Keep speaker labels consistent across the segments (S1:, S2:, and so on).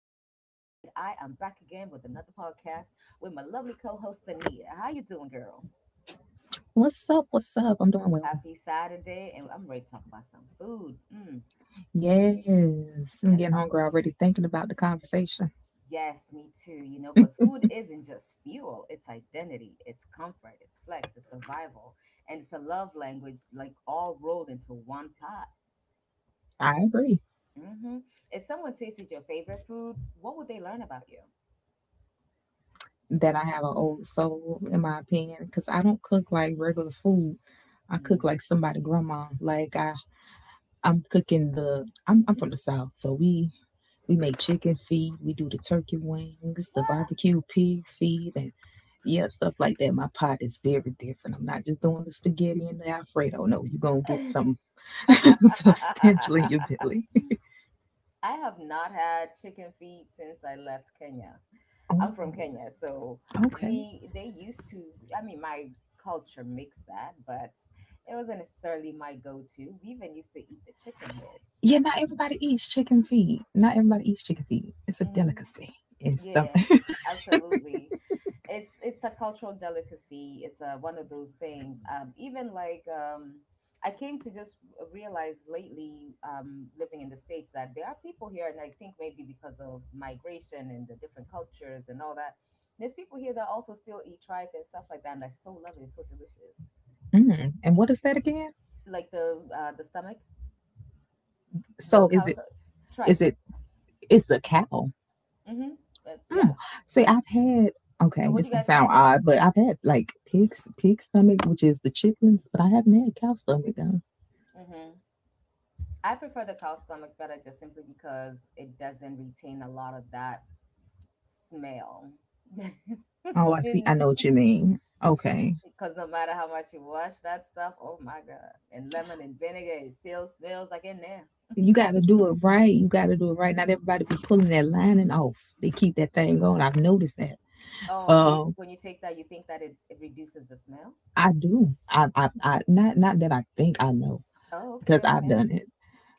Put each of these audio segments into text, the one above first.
S1: am back again with another podcast with my lovely co-host Anita. How you doing, girl?
S2: What's up? What's up? I'm doing well.
S1: Happy Saturday, and I'm ready to talk about some food.
S2: Yes, I'm
S1: Let's
S2: getting
S1: talk.
S2: hungry
S1: ab-
S2: already thinking about the conversation.
S1: Yes, me too. You know, because food isn't just fuel; it's identity, it's comfort, it's flex, it's survival, and it's a love language, like all rolled into one pot.
S2: I agree
S1: Hmm. If someone tasted your favorite food, what would they learn about you?
S2: that I have an old soul, in my opinion, because I don't cook like regular food. I cook
S1: Hmm.
S2: like somebody grandma. Like I, I'm cooking the. I'm from the south, so we make chicken feet. We do the turkey wings, the barbecue pig feet, and yeah, stuff like that. My pot is very different. I'm not just doing the spaghetti and the Alfredo. No, you're gonna get something substantial in your belly.
S1: I have not had chicken feet since I left Kenya. I'm from
S2: Oh,
S1: Kenya, so
S2: okay.
S1: we they used to. I mean, my culture makes that, but it wasn't necessarily my go-to. We even used to eat the chicken head.
S2: Yeah, not everybody eats chicken feet. Not everybody eats chicken feet. It's a
S1: Hmm.
S2: delicacy. It's
S1: Yeah,
S2: something.
S1: absolutely. It's a cultural delicacy. One of those things. Even like I came to just realize lately, living in the States, that there are people here, and I think maybe because of migration and the different cultures and all that, there's people here that also still eat tripe and stuff like that, and I so love it. It's so delicious.
S2: Mm. And what is that again?
S1: Like the stomach, the
S2: So is it? Is
S1: tripe.
S2: it? It's a cow.
S1: Mm-hmm. Yeah.
S2: Mm. See, I've had. Okay,
S1: What do
S2: this
S1: you
S2: gonna
S1: guys
S2: sound
S1: call it?
S2: odd, but I've had like pig stomach, which is the chitlins, but I haven't had cow stomach. Though.
S1: Mm-hmm. I prefer the cow stomach better just simply because it doesn't retain a lot of that smell.
S2: Oh, I
S1: Because
S2: see. I know what you mean. Okay.
S1: no matter how much you wash that stuff, oh my god, and lemon and vinegar, it still smells like in there.
S2: You got to do it right. You got to do it right. Not everybody be pulling that lining off. They keep that thing going. I've noticed that.
S1: Oh, so you,
S2: Um.
S1: when you take that, you think that it reduces the smell?
S2: I do. Not, that I think I know,
S1: Oh,
S2: because
S1: okay,
S2: I've
S1: okay.
S2: done it.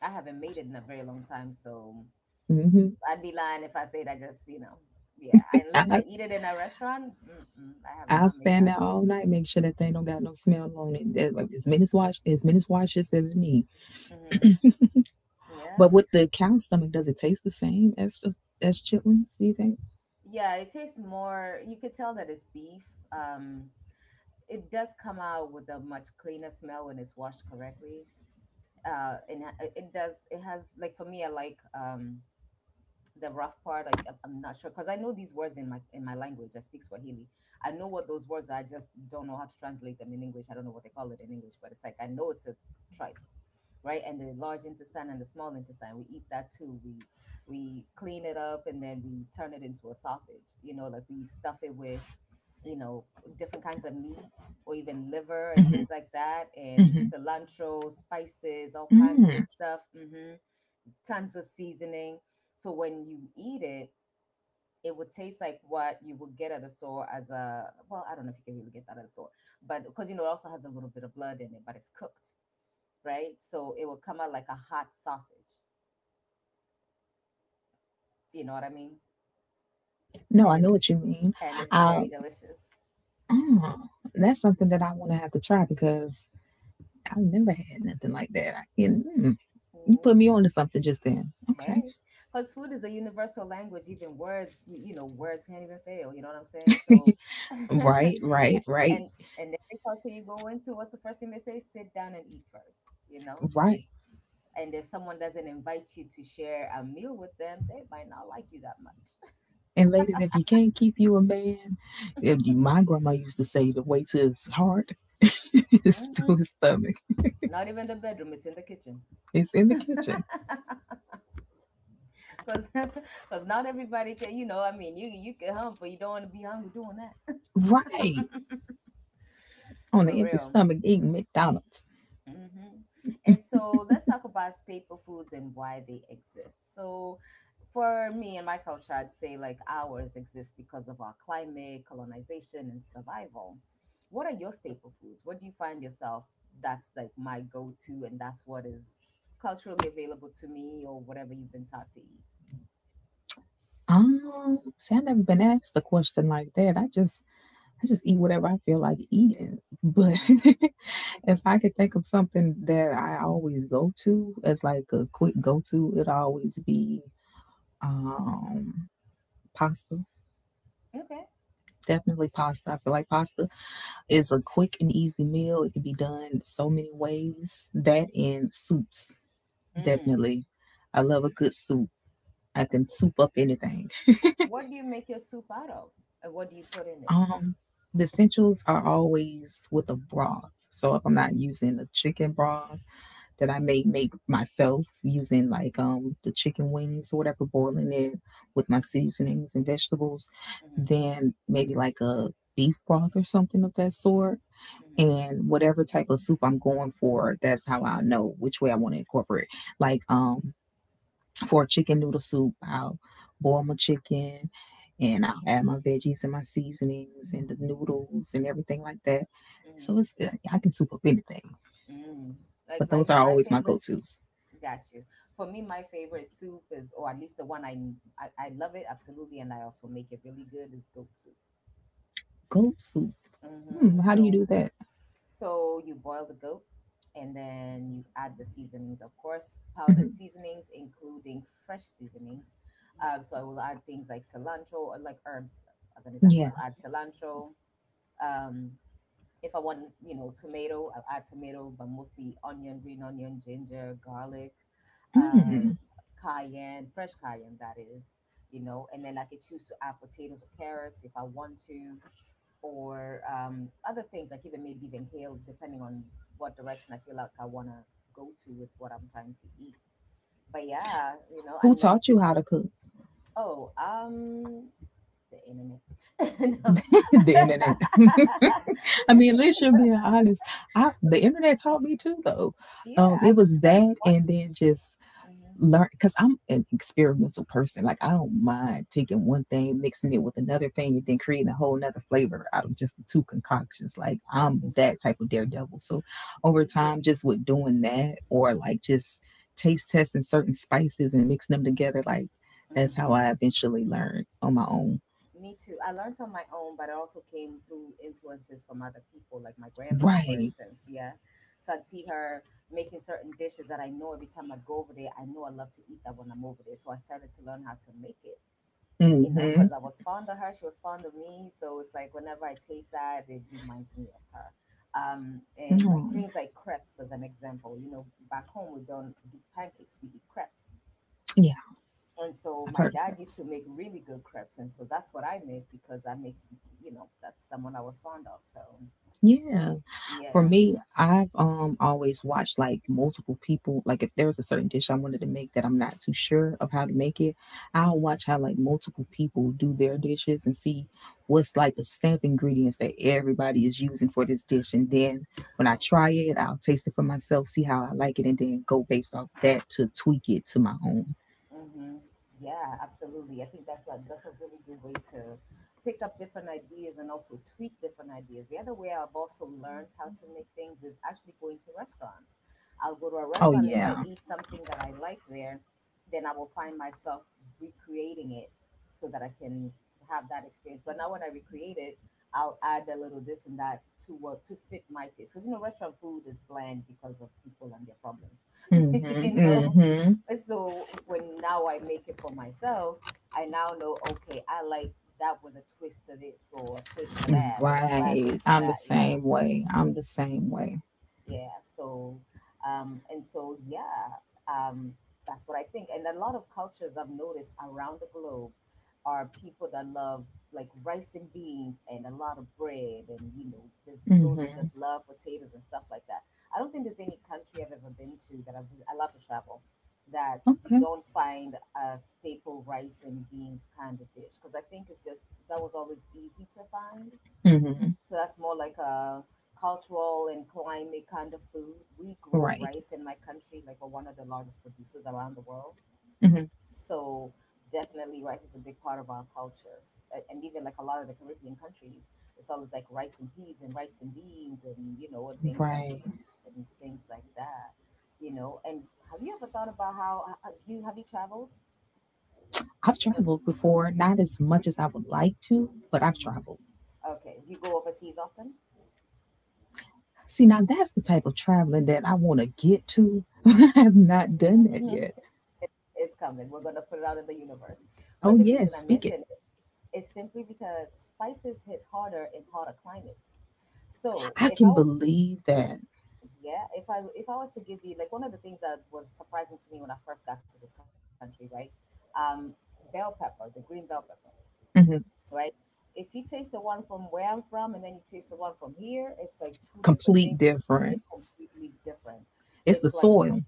S1: I haven't made it in a very long time, so
S2: hmm
S1: I'd be lying if I said I just, you know, yeah, unless
S2: I,
S1: I eat it in a restaurant, mm-mm, I have
S2: I'll
S1: not made
S2: stand
S1: that.
S2: there all night, make sure that thing don't got no smell on it. As many wash, as many washes as it need.
S1: Hmm. Yeah.
S2: But with the cow stomach, does it taste the same as just as chitlins? Do you think?
S1: Yeah, it tastes more. You could tell that it's beef. Um, it does come out with a much cleaner smell when it's washed correctly. And it does. It has like for me, I like the rough part. Like I'm not sure because I know these words in my language. I speak Swahili. I know what those words are. I just don't know how to translate them in English. I don't know what they call it in English, but it's like I know it's a try, right? And the large intestine and the small intestine, we eat that too. We clean it up and then we turn it into a sausage. You know, like we stuff it with you know different kinds of meat, or even liver and
S2: hmm
S1: things like that, and
S2: hmm
S1: cilantro, spices, all kinds of
S2: Mm.
S1: good stuff. Hmm. Tons of seasoning. So when you eat it, It would taste like what you would get at the store as a, well, I don't know if you can really get that at the store, but because you know it also has a little bit of blood in it, but it's cooked, right? So it will come out like a hot sausage. Do you know what I mean?
S2: No,
S1: And
S2: I know
S1: it's
S2: what you mean.
S1: and it's
S2: Uh,
S1: very delicious.
S2: mm, that's something that I want to have to try because I never had nothing like that. You
S1: Hmm.
S2: put me onto something just then. Okay.
S1: Hey, because food is a universal language. Even words, words can't even fail. You know what I'm saying? So, and
S2: Right. Right. Right.
S1: and every culture you go into, what's the first thing they say? Sit down and eat first. You know.
S2: Right.
S1: And if someone doesn't invite you to share a meal with them, they might not like you that much.
S2: And ladies, if you can't keep you a man, my grandma used to say to wait till his heart is
S1: Hmm.
S2: through his stomach.
S1: Not even the bedroom; it's in the kitchen.
S2: It's in the kitchen.
S1: Cause, Cause not everybody can, you know, I mean, you can hunt, but you don't want to be hungry doing that
S2: Right. On an
S1: for
S2: empty
S1: real.
S2: stomach eating McDonald's.
S1: Hmm. And so let's talk about staple foods and why they exist. So for me and my culture, I'd say like ours exist because of our climate, colonization, and survival. What are your staple foods? What do you find yourself that's like my go-to, and that's what is culturally available to me, or whatever you've been taught to eat?
S2: See, I have never been asked a question like that. I just eat whatever I feel like eating. But
S1: Hmm.
S2: if I could think of something that I always go to as like a quick go to, it'd always be um pasta.
S1: Okay.
S2: Definitely pasta. I feel like pasta it's a quick and easy meal. It can be done so many ways. That and soups,
S1: Mm.
S2: definitely. I love a good soup. I can soup up anything.
S1: What do you make your soup out of? And what do you put in it?
S2: Um, the essentials are always with a broth. So if I'm not using a chicken broth that I may make myself using
S1: Mm-hmm,
S2: like the chicken wings or whatever, boiling it with my seasonings and vegetables, then maybe like a beef broth or something of that sort
S1: mm-hmm,
S2: and whatever type of soup I'm going for, that's how I know which way I want to incorporate. Like for a chicken noodle soup, I'll boil my chicken and I'll add my veggies and my seasonings and the noodles and everything like that.
S1: mm-hmm,
S2: So it's I can soup up anything,
S1: mm-hmm. Mm. Like
S2: but
S1: my
S2: those are
S1: my
S2: always my
S1: favorite,
S2: go-tos.
S1: got you. For me, my favorite soup is, or at least the one I love it absolutely, and I also make it really good, is goat soup.
S2: Goat soup. Hmm,
S1: Mm-hmm.
S2: how do you
S1: So
S2: do that?
S1: so you boil the goat, and then you add the seasonings, of course, powdered
S2: hmm
S1: seasonings, including fresh seasonings. So I will add things like cilantro, or like herbs, as an example.
S2: Yeah.
S1: I'll add cilantro. Um, If I want, you know, tomato, I'll add tomato, but mostly onion, green onion, ginger, garlic, uh,
S2: Hmm.
S1: cayenne, fresh cayenne, that is, you know, and then I could choose to add potatoes or carrots if I want to, or other things, like even maybe even kale, depending on what direction I feel like I want to go to with what I'm trying to eat. But yeah, you know,
S2: Who
S1: and like,
S2: taught you how to cook?
S1: oh, the internet. No.
S2: The internet. I mean, let's just be honest. I The internet taught me too, though.
S1: Yeah, I
S2: It was
S1: learned to
S2: that,
S1: watch.
S2: and then just
S1: Mm-hmm.
S2: learn because I'm an experimental person. Like I don't mind taking one thing, mixing it with another thing, and then creating a whole nother flavor out of just the two concoctions. Like I'm that type of daredevil. So over
S1: Me
S2: time,
S1: too.
S2: just with doing that, or like just taste testing certain spices and mixing them together, like that's how I eventually learned on my own.
S1: Mm-hmm. Me too. I learned on my own, but it also came through influences from other people, like my grandmother, for
S2: Right.
S1: instance. Yeah. So I'd see her making certain dishes that I know every time I'd go over there, I know I love to eat that when I'm over there. So I started to learn how to make it, you know,
S2: hmm
S1: because I was fond of her. She was fond of me. So it's like whenever I taste that, it reminds me of her. And like
S2: Mhm.
S1: things like crepes, as an example, you know, back home we don't do pancakes, we eat crepes.
S2: Yeah,
S1: And so
S2: I've
S1: my
S2: heard of
S1: dad used
S2: clips.
S1: to make really good crepes, and so that's what I make, because I you know, that's someone I was fond of. So
S2: Yeah, for
S1: yeah.
S2: me, I've always watched like multiple people. Like if there was a certain dish I wanted to make that I'm not too sure of how to make it, I'll
S1: Mm.
S2: watch how like multiple people do their dishes and see what's like the stamp ingredients that everybody is using for this dish. And then when I try it, I'll taste it for myself, see how I like it, and then go based off that to tweak it to my own.
S1: Mm-hmm. Yeah, absolutely. I think that's a really good way to pick up different ideas and also tweak different ideas. The other way I've also learned how to make things is actually going to restaurants. I'll go to a
S2: Oh
S1: restaurant. If I
S2: yeah.
S1: eat something that I like there, then I will find myself recreating it so that I can have that experience. But now when I recreate it, I'll add a little this and that to fit my taste. Because you know, restaurant food is bland because of people and their problems.
S2: hmm
S1: You know,
S2: hmm
S1: so when now I make it for myself, I now know, okay, I like that with a twist to this or a twist to that, or if you add this
S2: Right.
S1: and that, yeah.
S2: I'm the
S1: Hmm.
S2: same way.
S1: Yeah, so um that's what I think, and a lot of cultures I've noticed around the globe are people that love like rice and beans and a lot of bread, and you know, there's those that
S2: Mm-hmm.
S1: just love potatoes and stuff like that. I don't think there's any country I've ever been to that I love to travel, that you
S2: Okay.
S1: don't find a staple rice and beans kind of dish, because I think it's just that was always easy to find.
S2: Mm-hmm.
S1: So that's more like a cultural and climate kind of food. We grow
S2: Right.
S1: rice in my country, like we're one of the largest producers around the world.
S2: Mm-hmm.
S1: So definitely rice is a big part of our cultures. And even like a lot of the Caribbean countries, it's always like rice and peas and rice and beans, and you know,
S2: Right.
S1: and things like that. You know, and have you ever thought about how do you have you traveled?
S2: I've
S1: Or-
S2: traveled before, not as much as I would like to, but I've
S1: mhm.
S2: traveled.
S1: Okay, do you go overseas often?
S2: See, now that's the type of traveling that I want to get to. I have not done that yet.
S1: It's coming. We're going to put it out in the universe. But the
S2: Oh,
S1: reason I
S2: yes.
S1: mention
S2: Speak it.
S1: it is simply because spices hit harder in hotter climates. So if
S2: I
S1: I was,
S2: can believe that.
S1: yeah, if I was to give you like one of the things that was surprising to me when I first got to this country, right? Um, bell pepper, the green bell pepper,
S2: hmm
S1: right? If you taste the one from where I'm from and then you taste the one from here, it's like two different things.
S2: Complete
S1: It's
S2: different.
S1: completely different. It's
S2: It's
S1: like,
S2: the soil.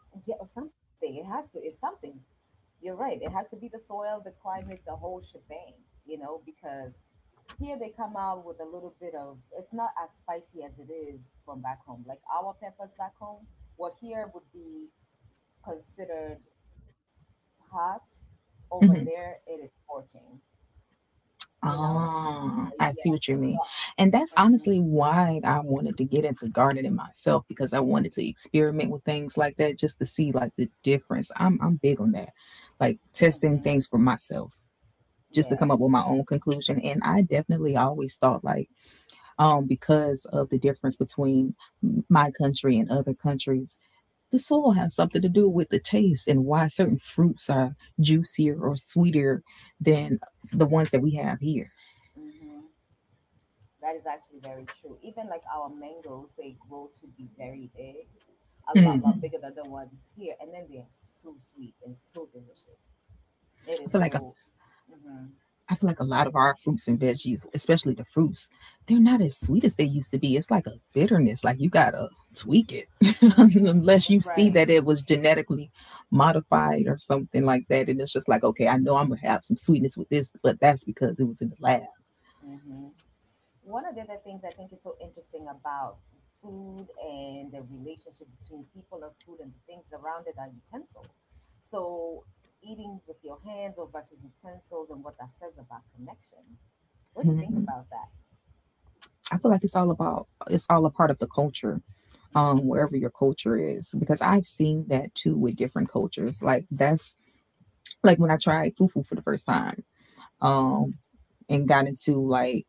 S1: yeah, or something. It has to. It's something. You're right. It has to be the soil, the climate, the whole shebang. You know, because here they come out with a little bit of. It's not as spicy as it is from back home. Like our peppers back home, what here would be considered hot, over there
S2: Mm-hmm.
S1: it is scorching. You know.
S2: Oh,
S1: Yeah.
S2: I see what you mean.
S1: So,
S2: And
S1: hmm,
S2: that's honestly why I wanted to get into gardening myself because I wanted to experiment with things like that just to see like the difference. I'm big on that. Like
S1: hmm,
S2: testing things for myself just to
S1: yeah.
S2: come up with my own conclusion and I definitely always thought like because of the difference between my country and other countries, the soil has something to do with the taste and why certain fruits are juicier or sweeter than the ones that we have here.
S1: Hmm. That is actually very true. Even like our mangoes, they grow to be very big, a lot, lot
S2: Mm.
S1: bigger than the ones here, and then they are so sweet and so delicious. It
S2: I
S1: is
S2: feel like a,
S1: so, hmm
S2: I feel like a lot of our fruits and veggies, especially the fruits, they're not as sweet as they used to be. It's like a bitterness. Like you gotta tweak it,
S1: hmm
S2: unless you see
S1: right.
S2: that it was genetically modified or something like that. And it's just like, okay, I know I'm gonna have some sweetness with this, but that's because it was in the lab.
S1: hmm One of the other things I think is so interesting about food and the relationship between people and food and the things around it are utensils. So eating with your hands or versus utensils and what that says about connection. What do you think
S2: Mhm.
S1: about that?
S2: I feel like it's all about it's all a part of the culture,
S1: hmm
S2: wherever your culture is, because I've seen that too with different cultures. Like when I tried fufu for the first time, um, and got into like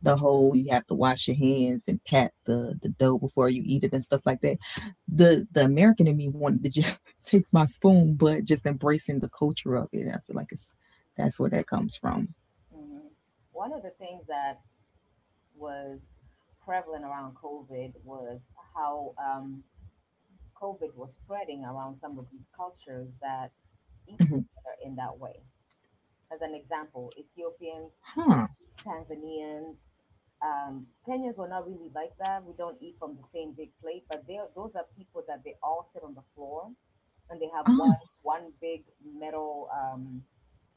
S2: the whole you have to wash your hands and pat the dough before you eat it and stuff like that. The American in me wanted to just take my spoon, but just embracing the culture of it. I feel like it's That's where that comes from.
S1: hmm One of the things that was prevalent around COVID was how COVID was spreading around some of these cultures that eat
S2: Mhm.
S1: together in that way. As an example, Ethiopians,
S2: Huh.
S1: Tanzanians, um, Kenyans were not really like that. We don't eat from the same big plate, but those are people that they all sit on the floor and they have
S2: Oh,
S1: one big metal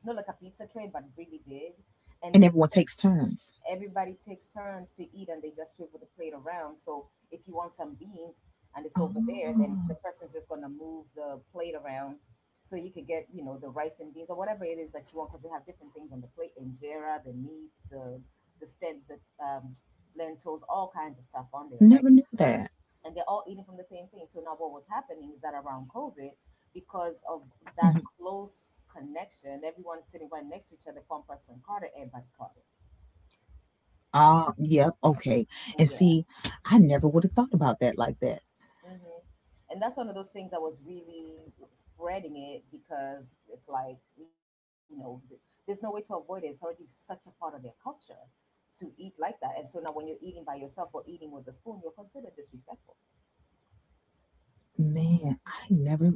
S1: not like a pizza tray but really big, and
S2: and
S1: they
S2: everyone
S1: put
S2: takes turns.
S1: everybody takes turns to eat, and they just swivel the plate around. So if you want some beans and it's over there, then the
S2: Oh,
S1: person's just going to move the plate around so you could get, you know, the rice and beans or whatever it is that you want, because they have different things on the plate: injera, the meats, the stent, the um, lentils, all kinds of stuff on there, right?
S2: never knew that.
S1: And they're all eating from the same thing. So now what was happening is that around COVID, because of that
S2: Mhm.
S1: close connection, everyone sitting right next to each other, if one person caught it, everybody caught it.
S2: Ah, yep, okay. And
S1: Yeah.
S2: see, I never would have thought about that like that.
S1: hmm And that's one of those things I was really spreading it, because it's like, you know, there's no way to avoid it. It's already such a part of their culture to eat like that. And so now when you're eating by yourself or eating with a spoon, you're considered disrespectful.
S2: Man, I never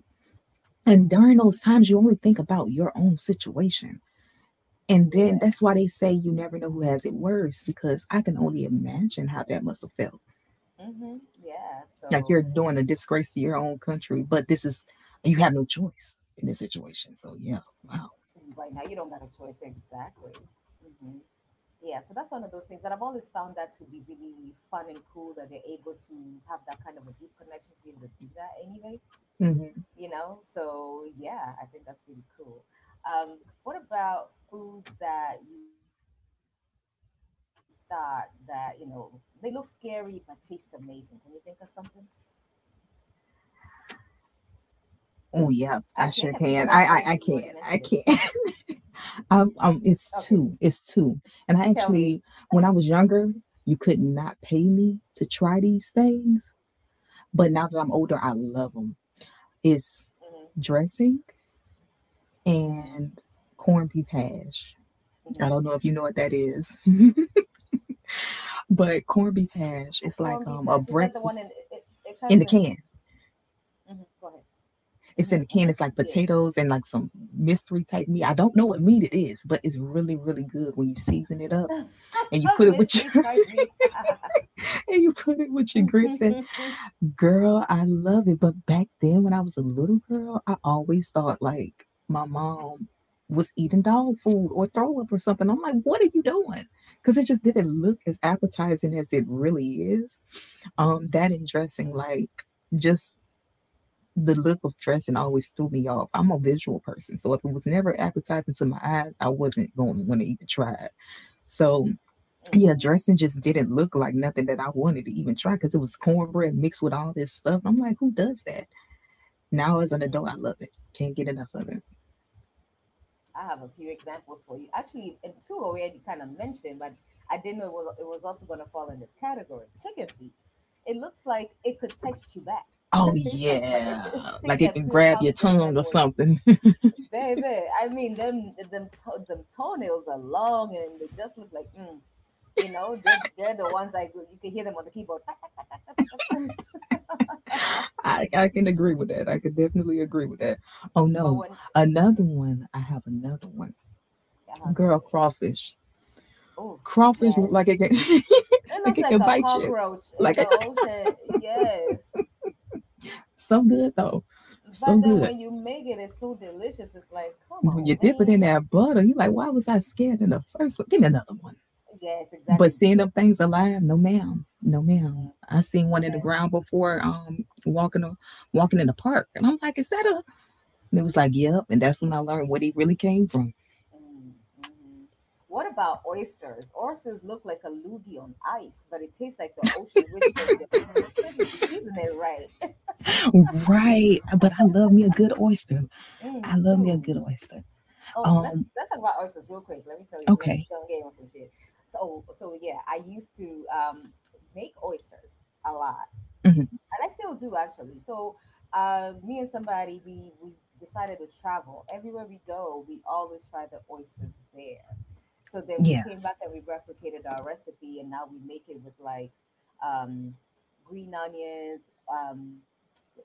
S2: And during those
S1: hmm
S2: times, you only think about your own situation. And
S1: Yeah.
S2: then that's why they say you never know who has it worse, because I can only imagine how that must have felt.
S1: Yeah.
S2: Like you're
S1: So.
S2: doing a disgrace to your own country, but you have no choice in this situation. So,
S1: Right now, you
S2: yeah,
S1: don't got a
S2: wow.
S1: choice. Exactly. hmm Yeah, so that's one of those things. But I've always found that to be really fun and cool that they're able to have that kind of a deep connection to be able to do that anyway, you
S2: hmm
S1: know? So, yeah, I think that's really cool. Um, what about foods that you thought that, you know, they look scary but taste amazing? Can you think of something? Actually, I can think of
S2: Oh,
S1: one for
S2: yeah,
S1: you. You
S2: I
S1: already
S2: sure
S1: mentioned
S2: can.
S1: it.
S2: I can. I can.
S1: Okay, tell me.
S2: It's two. It's two. And I actually, when I was younger, you could not pay me to try these things. But now that I'm older, I love them.
S1: Mm-hmm,
S2: It's dressing
S1: mm-hmm,
S2: and corned beef
S1: mm-hmm.
S2: hash. I don't know if you know what that is, but corned beef
S1: Corned beef
S2: hash
S1: hash.
S2: is
S1: Is that
S2: like
S1: the one? And
S2: a
S1: it, it,
S2: breakfast
S1: it comes in.
S2: in the can.
S1: Go ahead. hmm hmm
S2: It's in the
S1: yeah.
S2: can. It's like potatoes and like some mystery type meat. I don't know what meat it is, but it's really really good when you season it up
S1: A
S2: and you
S1: mystery
S2: put it
S1: type
S2: with
S1: me.
S2: your and you put
S1: Mhm,
S2: it with your
S1: mhm,
S2: grits
S1: mhm.
S2: and girl, I love it. But back then, when I was a little girl, I always thought like my mom was eating dog food or throw up or something. I'm like, what are you doing? Because it just didn't look as appetizing as it really is. That and dressing, like just the look of dressing always threw me off. I'm a visual person, so if it was never appetizing to my eyes, I wasn't going to want to even try it. So yeah, dressing just didn't look like nothing that I wanted to even try because it was cornbread mixed with all this stuff. I'm like, who does that? Now as an adult, I love it. Can't get enough of it.
S1: I have a few examples for you. Actually, and two already kind of mentioned, but I didn't know it was also going to fall in this category. Chicken feet. It looks like it could text you back.
S2: Oh
S1: It tastes like, but
S2: yeah,
S1: it
S2: like it can
S1: tastes like
S2: grab
S1: pure
S2: your tongue
S1: collagen
S2: or
S1: and having one.
S2: something.
S1: Baby, I mean them toenails are long and they just look like mm. You know, they're the ones like you can hear them on the keyboard. "Ta, ta, ta, ta, ta."
S2: I can agree with that. I can definitely agree with that. Oh no,
S1: But when,
S2: another
S1: mm-hmm,
S2: one. I have another one.
S1: uh-huh,
S2: Girl,
S1: go ahead.
S2: crawfish.
S1: Oh,
S2: Crawfish look like it can
S1: yes.
S2: like
S1: It
S2: it can
S1: looks like
S2: bite
S1: a
S2: you. Like
S1: cockroach
S2: it
S1: in
S2: could,
S1: the ocean. Yes.
S2: so good though, so
S1: But
S2: good.
S1: then when you make it, it's so delicious. It's like, come
S2: When you
S1: on,
S2: dip it in
S1: man.
S2: that butter, you like, why was I scared in the first one? Give me another one.
S1: Yes,
S2: But
S1: exactly.
S2: seeing
S1: Give
S2: them
S1: me. It.
S2: things alive, no ma'am, no ma'am.
S1: Mm-hmm.
S2: I seen one in the ground before, walking in the park, and I'm like, is that a? And it was like, yep. And that's when I learned what he really came from.
S1: Yeah. Mm-hmm. What about oysters? Oysters look like a loogie on ice, but it tastes like the ocean whispered your name, especially if you season it right.
S2: Right. But I love me a good oyster.
S1: Mm, me
S2: I love me a
S1: too.
S2: good oyster.
S1: Oh, it's- let's
S2: Um.
S1: let's talk about oysters real quick. Let me tell you. Let me
S2: Okay.
S1: put you on game on some shit. So yeah, I used to make oysters a lot,
S2: hmm
S1: and I still do actually. So, me and somebody we decided to travel. Everywhere we go, we always try the oysters there. So then we
S2: Yeah.
S1: came back and we replicated our recipe, and now we make it with like um, green onions,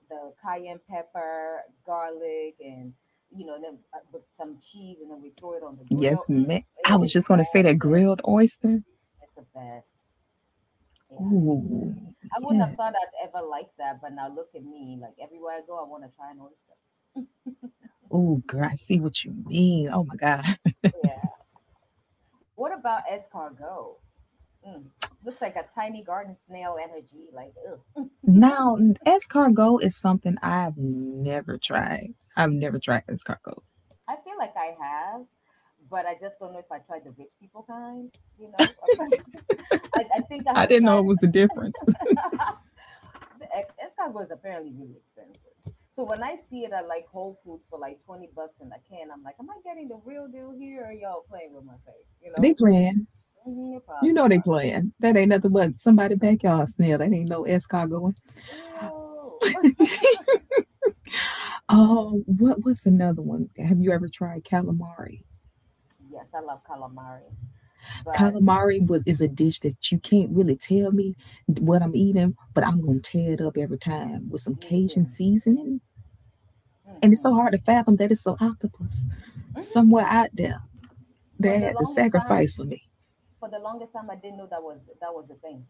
S1: the cayenne pepper, garlic, and you know, then with some cheese, and then we throw it on the grill.
S2: Yes,
S1: Mm,
S2: ma I
S1: it
S2: was
S1: is
S2: just gonna say that
S1: heaven.
S2: grilled oyster.
S1: It's the best. Yeah, it's the best.
S2: Ooh,
S1: I wouldn't have thought
S2: yes.
S1: I'd ever like that, but now look at me. Like everywhere I go, I want to try an oyster.
S2: Ooh, girl, I see what you mean. Oh my God.
S1: Yeah. What about escargot? Mm, looks like a tiny garden snail energy. Like, ugh.
S2: Now, escargot is something I've never tried escargot.
S1: I feel like I have, but I just don't know if I tried the rich people kind. You know, I think I
S2: I
S1: have
S2: didn't know
S1: tried.
S2: it was a difference.
S1: The Escott was apparently really expensive. So when I see it at like Whole Foods for like 20 bucks in a can, I'm like, am I getting the real deal here, or are y'all playing with my face? You
S2: They
S1: know?
S2: playing.
S1: Mm-hmm, you
S2: You
S1: probably
S2: know they
S1: are.
S2: playing. That ain't nothing but somebody backyard snail. That ain't no escargot.
S1: Ew. Mhm.
S2: Oh, what was another one? Have you ever tried calamari?
S1: Yes, I love calamari, but
S2: Calamari was is a dish that you can't really tell me what I'm eating, but I'm
S1: mm,
S2: gonna tear it up every time with some
S1: me too.
S2: Cajun seasoning. And it's so
S1: hmm
S2: hard to fathom that it's an octopus somewhere out there.
S1: For
S2: They
S1: the
S2: had to
S1: longest time,
S2: sacrifice for me.
S1: for the longest time, I didn't know that was a thing.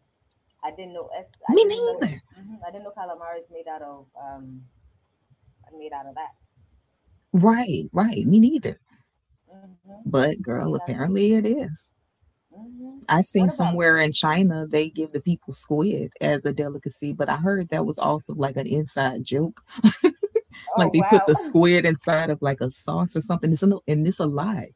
S1: I didn't know. I
S2: Me
S1: didn't know.
S2: neither.
S1: I didn't know calamari is made out of that.
S2: Right. Me neither. But girl,
S1: Mm-hmm.
S2: apparently it is.
S1: hmm What
S2: I seen
S1: about
S2: somewhere in
S1: Beatum?
S2: China they give the people squid as a delicacy, but I heard that was also like an inside joke.
S1: Oh
S2: Like they
S1: wow.
S2: put the squid inside of like a sauce or something. It's in and it's alive.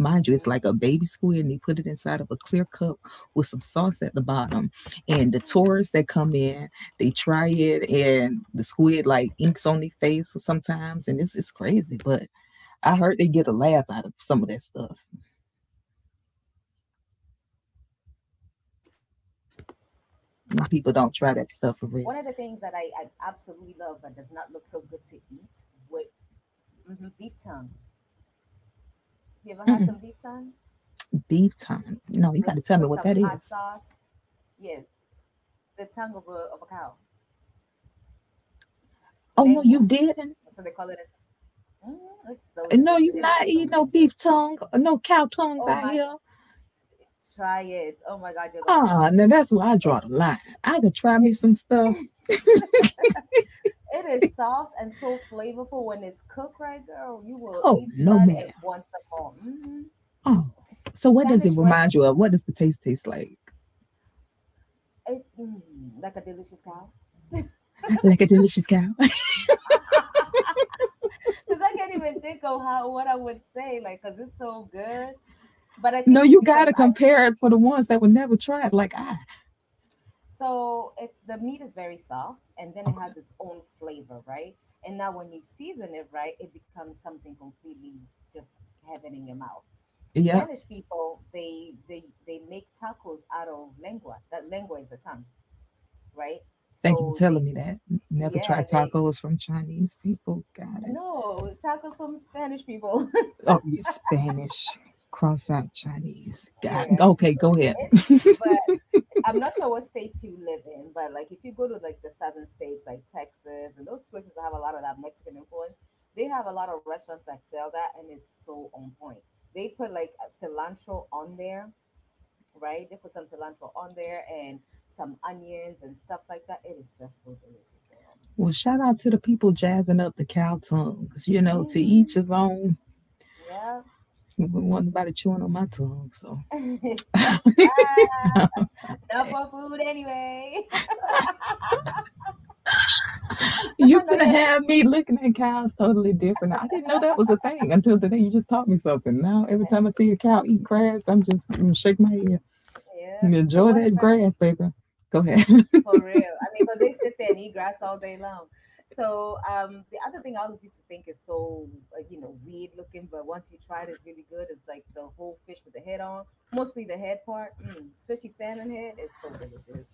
S2: Mind you, it's like a baby squid, and they put it inside of a clear cup with some sauce at the bottom. And the tourists that come in, they try it, and the squid like inks on their face sometimes, and it's crazy. But I heard they get a laugh out of some of that stuff.
S1: Oh wow. Okay. One of the things that I
S2: You
S1: absolutely
S2: know,
S1: love
S2: people
S1: but
S2: don't
S1: does
S2: try
S1: not
S2: that
S1: look
S2: stuff
S1: so
S2: for
S1: good
S2: real.
S1: to eat would beef tongue. You ever had some beef tongue
S2: Mm-mm. Beef
S1: with some
S2: tongue.
S1: hot
S2: No, you got to tell
S1: sauce?
S2: me what that is.
S1: Yeah, the tongue of a cow, lengua.
S2: Oh no, you
S1: So they
S2: didn't.
S1: call it. As, mm, it's so delicious.
S2: No,
S1: It is
S2: you
S1: so
S2: not
S1: so
S2: eating no
S1: good.
S2: beef tongue. No cow
S1: Oh
S2: tongues out
S1: my,
S2: here.
S1: try it. Oh my God, you're gonna
S2: Ah, oh,
S1: love
S2: now
S1: it.
S2: that's where I
S1: It
S2: draw the line. I could try me
S1: it's
S2: some stuff.
S1: It is soft and so flavorful when it's cooked right, girl. You will
S2: Oh
S1: eat
S2: no,
S1: that and
S2: ma'am.
S1: once some more. Mm,
S2: Oh, so what does it
S1: Spanish
S2: remind
S1: rest,
S2: you of? What does the taste like?
S1: it, mm, like a delicious cow.
S2: Like a delicious cow.
S1: Because I can't even think of how what I would say, like, because it's so good. But I
S2: No,
S1: think it's
S2: you
S1: because
S2: gotta compare it for the ones that were never tried, like I.
S1: so it's the meat is very soft, and then it
S2: Okay.
S1: has its own flavor, right? And now when you season it right, it becomes something completely just heaven in your mouth.
S2: Yep.
S1: Spanish people, they they make tacos out of lengua. That lengua is the tongue, right?
S2: Thank you for
S1: So
S2: telling
S1: they
S2: me that. Never tried
S1: yeah, they
S2: tacos from Chinese people. Got it.
S1: no, tacos from Spanish people.
S2: Oh, yeah, Spanish. Cross out Chinese. Got it.
S1: Yeah.
S2: Okay, go ahead.
S1: It's but I'm not sure what states you live in, but like if you go to like the southern states like Texas and those places that have a lot of that Mexican influence, they have a lot of restaurants that sell that, and it's so on point. They put like a cilantro on there, right? They put some cilantro on there and some onions and stuff like that. It is just so delicious, girl.
S2: Well, shout out to the people jazzing up the cow tongue. 'Cause, you know, to
S1: Mm-hmm.
S2: each his own.
S1: Yeah.
S2: Wasn't nobody chewing on my tongue, so
S1: Not
S2: eh,
S1: for food anyway.
S2: you
S1: I know
S2: finna
S1: you understand.
S2: have me looking at cows totally different. I didn't know that was a thing until today. You just taught me something. Now every time I see a cow eat grass, I'm just shake my head.
S1: Yeah. So
S2: Enjoy
S1: what
S2: that
S1: about
S2: grass, baby. Go ahead.
S1: for real. I mean, because they sit there and eat grass all day long. So the other thing I always used to think is so, you know, weird looking, but once you try it, it's really good. It's like the whole fish with the head on, mostly the head part, mm, especially salmon head. It's so delicious.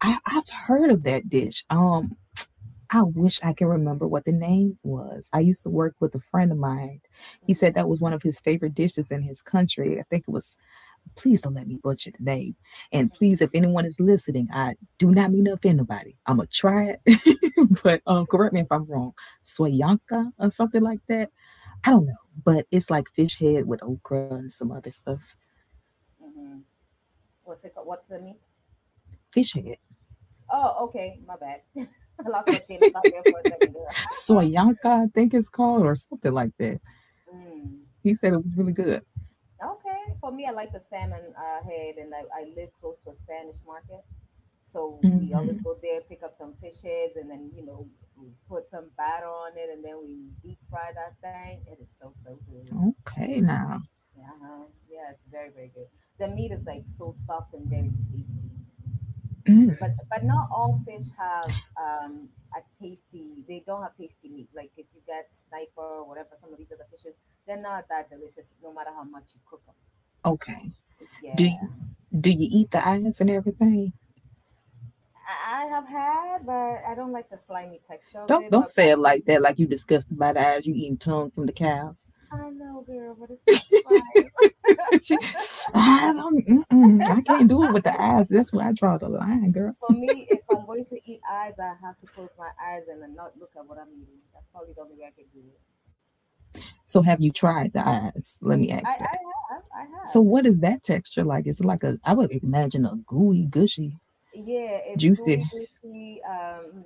S2: I've heard of that dish. I wish I can remember what the name was. I used to work with a friend of mine. He
S1: hmm
S2: said that was one of his favorite dishes in his country. I think it was. Please don't let me butcher the name. And
S1: hmm
S2: please, if anyone is listening, I do not mean to offend nobody. I'm gonna try it, but correct me if I'm wrong. Swayanka or something like that. I don't know, but it's like fish head with okra and some other stuff.
S1: hmm What's it called? What's the meat?
S2: Fish head,
S1: Oh, okay. My bad. I lost my chain of thought there for a second, girl.
S2: Swayanka, I think it's called, or something like that.
S1: Mm.
S2: He said it was really good.
S1: Okay. For me, I like the salmon head, and I live close to a Spanish market. So we always
S2: Mm,
S1: go there, pick up some fish heads, and then you know we put some batter on it, and then we deep fry that thing. It is so so good.
S2: okay, now.
S1: Yeah, uh-huh. Yeah, it's very very good. The meat is like so soft and very tasty.
S2: Mm,
S1: But not all fish have um, a tasty. They don't have tasty meat. Like if you get sniper or whatever, some of these other fishes, they're not that delicious. No matter how much you cook them.
S2: okay. Do
S1: Yeah,
S2: you do you eat the eyes and everything?
S1: I have had, but I don't like the slimy texture of
S2: Don't
S1: it.
S2: don't
S1: But
S2: say it
S1: back
S2: like that. Like you disgusted by the eyes. You eating tongue from the cows.
S1: I know, girl, but it's not the same.
S2: She- I don't. Mm-mm, I can't do it with the eyes. That's where I draw the line, girl.
S1: For me, if I'm going to eat eyes, I have to close my eyes and then not look at what I'm eating. That's probably the only way I can do it.
S2: So have you tried the eyes? Let me
S1: I,
S2: ask that.
S1: I have, I
S2: So
S1: have.
S2: what is that texture like? Is it like a? I would imagine a gooey, gushy,
S1: Yeah, it's
S2: juicy.
S1: gooey, goopy,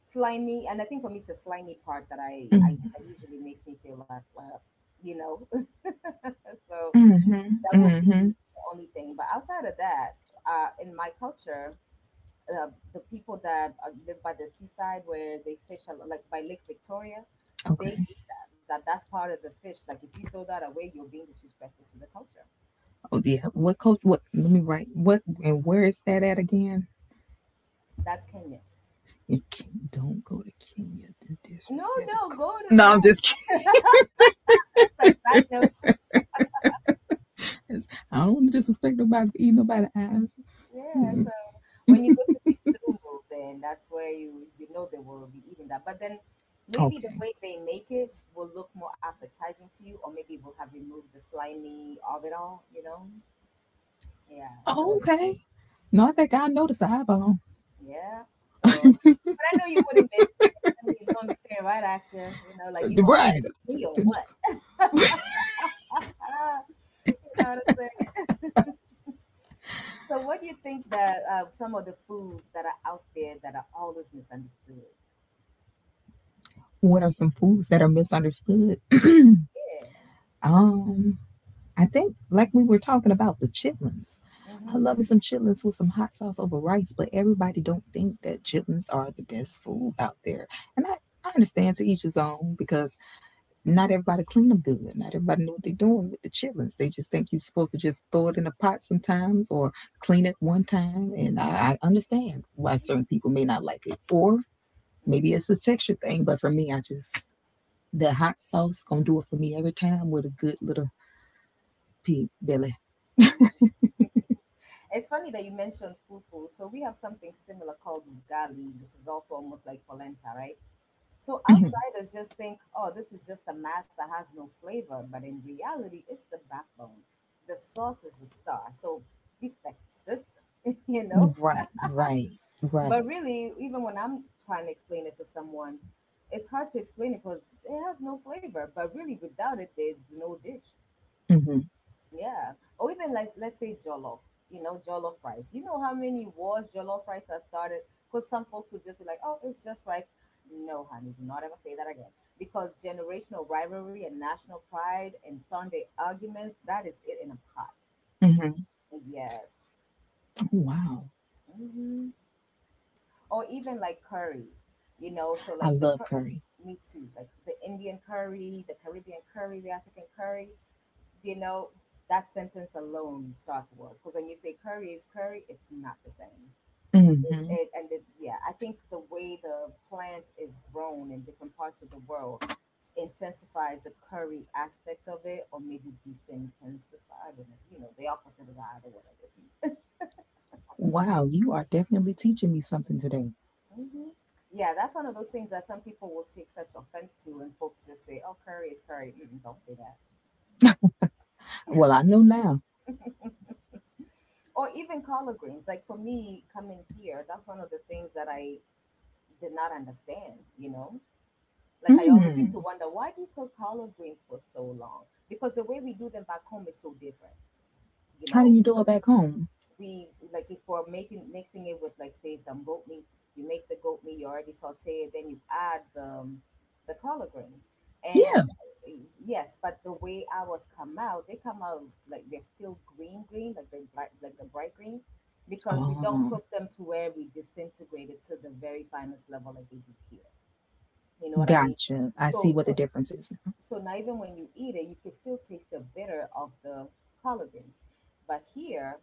S1: slimy, and I think for me, it's the slimy part that I
S2: Mm,
S1: that usually makes me feel like, well, you know. So
S2: mm-hmm.
S1: that would be
S2: Mm-hmm.
S1: the only thing. But outside of that, in my culture, the people that live by the seaside where they fish a lot, like by Lake Victoria,
S2: Okay.
S1: they eat that. That that's part of the fish. Like if you throw that away, you're being disrespectful to the culture.
S2: Oh yeah. What coach? What? Let me write. What and where is that at again?
S1: That's Kenya.
S2: And Ken- don't go to Kenya to
S1: No,
S2: disrespect the
S1: no,
S2: culture.
S1: go to
S2: No,
S1: yeah.
S2: I'm just
S1: It's like side note.
S2: kidding. I don't want to disrespect nobody for eating nobody's eyes.
S1: Yeah, so
S2: Mm,
S1: when you go to Kisumu, then that's where you know they will be eating that. But then maybe the
S2: okay.
S1: way they make it will look more appetizing to you, or maybe we'll have removed the slimy of it all. You know? Yeah. So.
S2: Oh, okay. No,
S1: Mm.
S2: I think I know the eyeball.
S1: Yeah. So, but I know you wouldn't miss it. I mean, he's gonna be staring right at you. You know, like you gonna
S2: Right.
S1: eat me or what? Ah, you know what I'm saying. So, what do you think that some of the foods that are out there that are always misunderstood?
S2: What are some foods that are misunderstood?
S1: Yeah.
S2: um, I think like we were talking about the chitlins.
S1: Mm-hmm.
S2: I love me some chitlins with some hot sauce over rice, but everybody don't think that chitlins are the best food out there. And I understand to each his own because not everybody clean them good. Not everybody know what they're doing with the chitlins. They just think you're supposed to just throw it in a pot sometimes or clean it one time. And I understand why certain people may not like it. Or maybe
S1: Mm-hmm.
S2: it's a texture thing, but for me, the hot sauce gonna do it for me every time with a good little pig belly.
S1: hmm It's funny that you mentioned fufu. So we have something similar called ugali, which is also almost like polenta, right? So outsiders just think, oh, this is just a mass that has no flavor. But in reality, it's the backbone. The sauce is the star. So respect the system, you
S2: You're
S1: know?
S2: right, right,
S1: But
S2: right.
S1: really, even when I'm trying to explain it to someone, it's hard to explain it because it has no flavor. But really, without it, there's no dish.
S2: hmm
S1: Yeah. Or even like let's say jollof, you know, jollof rice. You know how many wars jollof rice has started? Because some folks would just be like, oh, it's just rice. No, honey, do not ever say that again. Because generational rivalry and national pride and Sunday arguments, that is it in a pot.
S2: hmm
S1: Yes.
S2: Wow.
S1: hmm Or even like curry, you know, so
S2: I
S1: like
S2: love curry.
S1: me too, like the Indian curry, the Caribbean curry, the African curry. You know, that sentence alone starts wars because when you say curry is curry, it's not the same.
S2: Hmm
S1: Yeah, I think the way the plant is grown in different parts of the world intensifies the curry aspect of it, or maybe desensify. I don't know. You know, they are consider that the other word I just used.
S2: Wow, you are definitely teaching me something today.
S1: hmm Yeah, that's one of those things that some people will take such offense to, and folks just say, "Oh, curry is curry." Mm-mm, don't say that.
S2: Well, I know now.
S1: Or even collard greens. Like for me, coming here, that's one of the things that I did not understand, you know? Like I always used to
S2: Mm.
S1: wonder, why do you cook collard greens for so long? Because the way we do them back home is so different, you
S2: How do
S1: know?
S2: you do
S1: So
S2: it back home?
S1: we like if we're making mixing it with like say some goat meat, you make the goat meat, you already saute it, then you add the the collard greens. And
S2: Yeah.
S1: uh, yes, but the way ours come out, they come out like they're still green green, like the bright green. Because we don't
S2: Oh,
S1: cook them to where we disintegrate it to the very finest level like they do here, you know what I mean?
S2: gotcha. I see
S1: So
S2: what the
S1: so
S2: difference is now.
S1: so now even when you eat it, you can still taste the bitter of the collard greens. But here,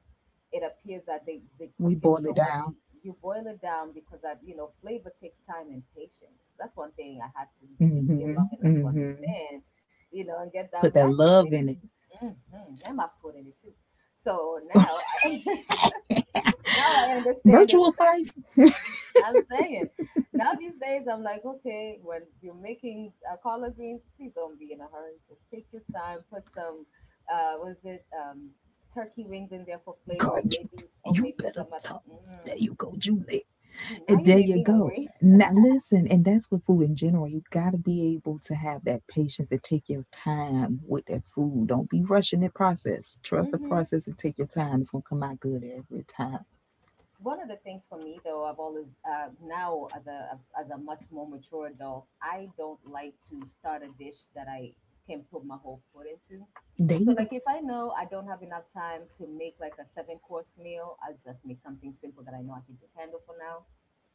S1: it appears that they cook
S2: We
S1: it
S2: boil
S1: so
S2: it
S1: much.
S2: down.
S1: You boil it down because that, you know, flavor takes time and patience. That's one thing I had to be here long
S2: Mm-hmm.
S1: enough to
S2: Mm-hmm.
S1: understand. You know, and get that
S2: Put that
S1: black in me.
S2: love in it.
S1: Hmm And my food in it too. So now I now I understand it.
S2: Virtual fight?
S1: I'm saying now these days I'm like, okay, when you're making collard greens, please don't be in a hurry. Just take your time. Put some, was it turkey wings in there for flavor, or
S2: God, you,
S1: maybe or
S2: you
S1: maybe
S2: better
S1: some other.
S2: talk.
S1: Mm,
S2: There you go, Julie.
S1: now
S2: And
S1: you
S2: there
S1: made
S2: you
S1: me
S2: go.
S1: hungry.
S2: Now listen, and that's with food in general. You gotta be able to have that patience and take your time with that food. Don't be rushing the process. Trust the process and take your time. It's gonna come out good every time.
S1: One of the things for me though, I've always now, as a much more mature adult, I don't like to start a dish that I can put my whole foot into.
S2: There
S1: So
S2: you go.
S1: like if I know I don't have enough time to make like a seven course meal, I'll just make something simple that I know I can just handle for now,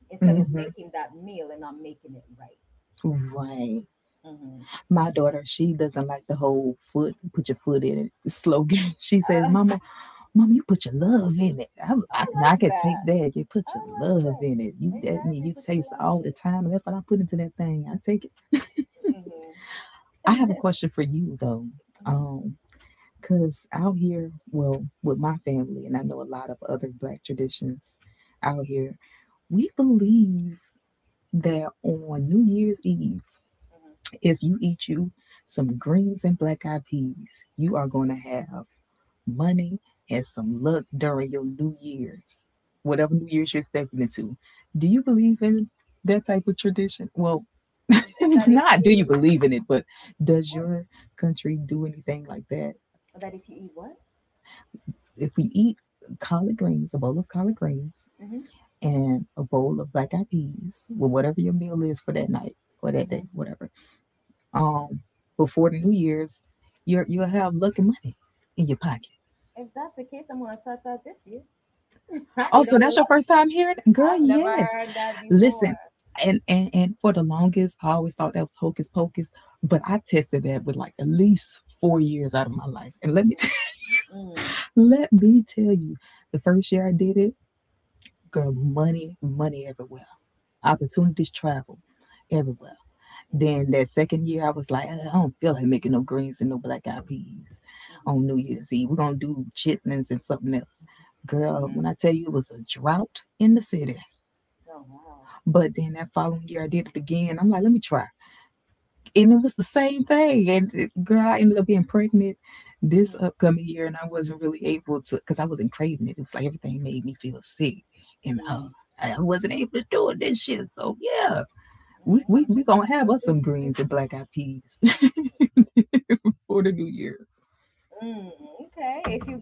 S1: instead of
S2: Mm-hmm.
S1: making that meal and not making it right.
S2: Right.
S1: hmm
S2: My daughter, she doesn't like the whole foot, put your foot in it slogan. She says,
S1: uh,
S2: Mama, Mama, you put your love in it. I,
S1: oh,
S2: I,
S1: I
S2: I
S1: like
S2: can
S1: that.
S2: take that. You put
S1: I
S2: your
S1: like
S2: love
S1: that,
S2: in it. You that me.
S1: exactly.
S2: You
S1: Put you
S2: taste
S1: love
S2: all
S1: in
S2: the
S1: it.
S2: time. And that's what I put into that thing. I take it.
S1: Hmm
S2: I have a
S1: hmm
S2: question for you though.
S1: hmm
S2: Um, 'Cause out here, well, with my family, and I know a lot of other black traditions out here, we believe that on New Year's Eve, if you eat you some greens and black eyed peas, you are
S1: hmm
S2: going to have money and some luck during your New Year's, whatever New Year's you're stepping into. Do you believe in that type of tradition? Well,
S1: that if
S2: not do
S1: you,
S2: you believe in it, but does
S1: well,
S2: your country do anything like that?
S1: that if you eat what?
S2: If we eat collard greens, a bowl of collard greens,
S1: Hmm
S2: and a bowl of black eyed peas, well, whatever your meal is for that night or that day,
S1: hmm
S2: whatever um before the New Year's, you'll have lucky money in your pocket.
S1: If that's the case, I'm gonna start that this year. I
S2: Oh,
S1: need
S2: so
S1: all the
S2: that's your
S1: luck.
S2: first time hearing it? Girl,
S1: I've never
S2: yes.
S1: heard that before.
S2: Listen, and and for the longest, I always thought that was hocus pocus, but I tested that with like at least 4 years out of my life. And let me
S1: Mm,
S2: let me tell you, the first year I did it, girl, money, money everywhere. Opportunities travel everywhere.
S1: mm-hmm,
S2: Then that second year, I was like, I don't feel like making no greens and no black eyed peas
S1: mm-hmm,
S2: on New Year's Eve. We're gonna do chitlins and something else. Girl,
S1: mm-hmm.
S2: when I tell you it was a drought in the city,
S1: Oh wow.
S2: but then that following year I did it again. I'm like, let me try, and it was the same thing. And girl, I ended up being pregnant
S1: Mm-hmm.
S2: this upcoming year, and I wasn't really able to because I wasn't craving it. It was like everything made me feel sick, and
S1: Mm.
S2: I wasn't able to do it this year. So yeah,
S1: hmm
S2: we
S1: I'm
S2: we
S1: sure it's
S2: we
S1: time
S2: gonna have us
S1: consuming to
S2: some
S1: make.
S2: greens and black eyed peas.
S1: Mm, okay,
S2: For
S1: if
S2: the
S1: you
S2: New
S1: get that
S2: Year's.
S1: good luck, I'm definitely gonna try it too. Then,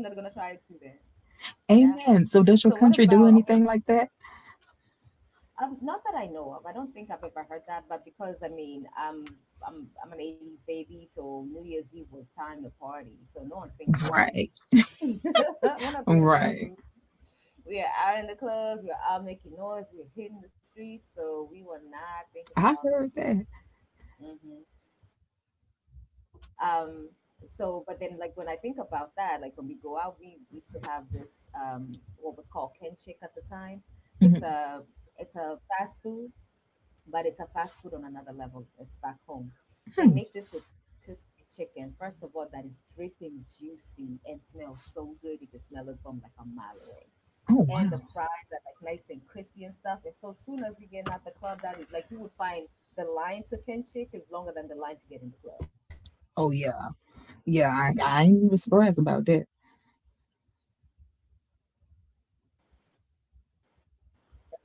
S1: yeah. So what about
S2: Amen. So
S1: okay?
S2: does your country do anything like that?
S1: Not that I know of. I don't think I've ever heard that, but because I mean, I'm an '80s baby, so New Year's Eve was time to party. So no one's thinking about food.
S2: Right.
S1: We're not thinking about
S2: Right.
S1: food. We are out in the clubs. We're out making noise. We're hitting the streets. So we were not thinking
S2: I
S1: about
S2: heard
S1: no
S2: that.
S1: food. Hmm Um. So, but then, like when I think about that, like when we go out, we used to have this what was called kenchik at the time. It's a it's a fast food, but it's a fast food on another level. It's back
S2: Mhm.
S1: home. They make this rotisserie chicken. First of all, that is dripping juicy and smells so good. You can smell it from like a
S2: Oh
S1: mile
S2: wow.
S1: away, and the fries are like nice and crispy and stuff. And so soon as we get out the club, that is like you would find the line to Kenchik is longer than the line to get in the
S2: Oh
S1: club.
S2: yeah. Yeah. I ain't
S1: And
S2: even
S1: we talk about it
S2: surprised
S1: in the
S2: about
S1: middle of the
S2: that.
S1: night. Yes, and that and then we tear that bad boy up, honey.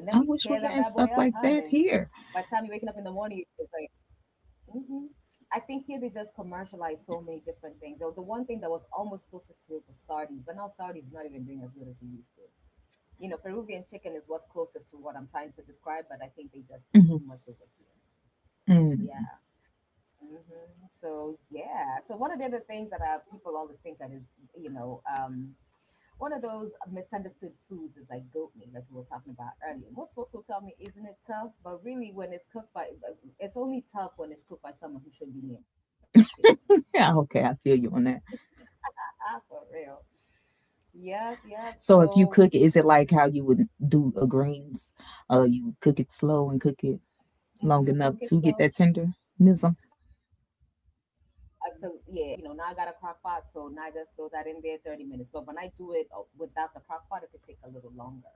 S1: By the
S2: I
S1: time you're
S2: wish we
S1: waking up in
S2: had
S1: the
S2: stuff
S1: morning,
S2: like that
S1: it's like,
S2: here.
S1: mm-hmm. I think here they just commercialize so many different things. So the one thing that was almost closest to it was sardines, but now sardines is not even doing as good as it used to. You know, Peruvian chicken is what's closest to what I'm trying to describe, but I think they just do too much over
S2: Mhm.
S1: here. Yeah.
S2: Mm.
S1: hmm So yeah. So one of the other things that people always think that is, you know, one of those misunderstood foods is like goat meat, like we were talking about earlier. Most folks will tell me, "Isn't it tough?" But really, when it's cooked by, but it's only tough when it's cooked by someone who should be near a kitchen.
S2: Yeah. Okay. I feel you on that.
S1: Ah, for real. Yep, yep.
S2: So if
S1: So
S2: you cook it, is it like how you would do a greens? You cook it slow and cook it long
S1: hmm
S2: enough
S1: cook it
S2: to get
S1: slow.
S2: that tenderism.
S1: Absolutely, yeah. And I love that I, you know, now I got a crock pot, so now I just throw that in there, 30 minutes. But when I do it without the crock pot, it could take a little longer.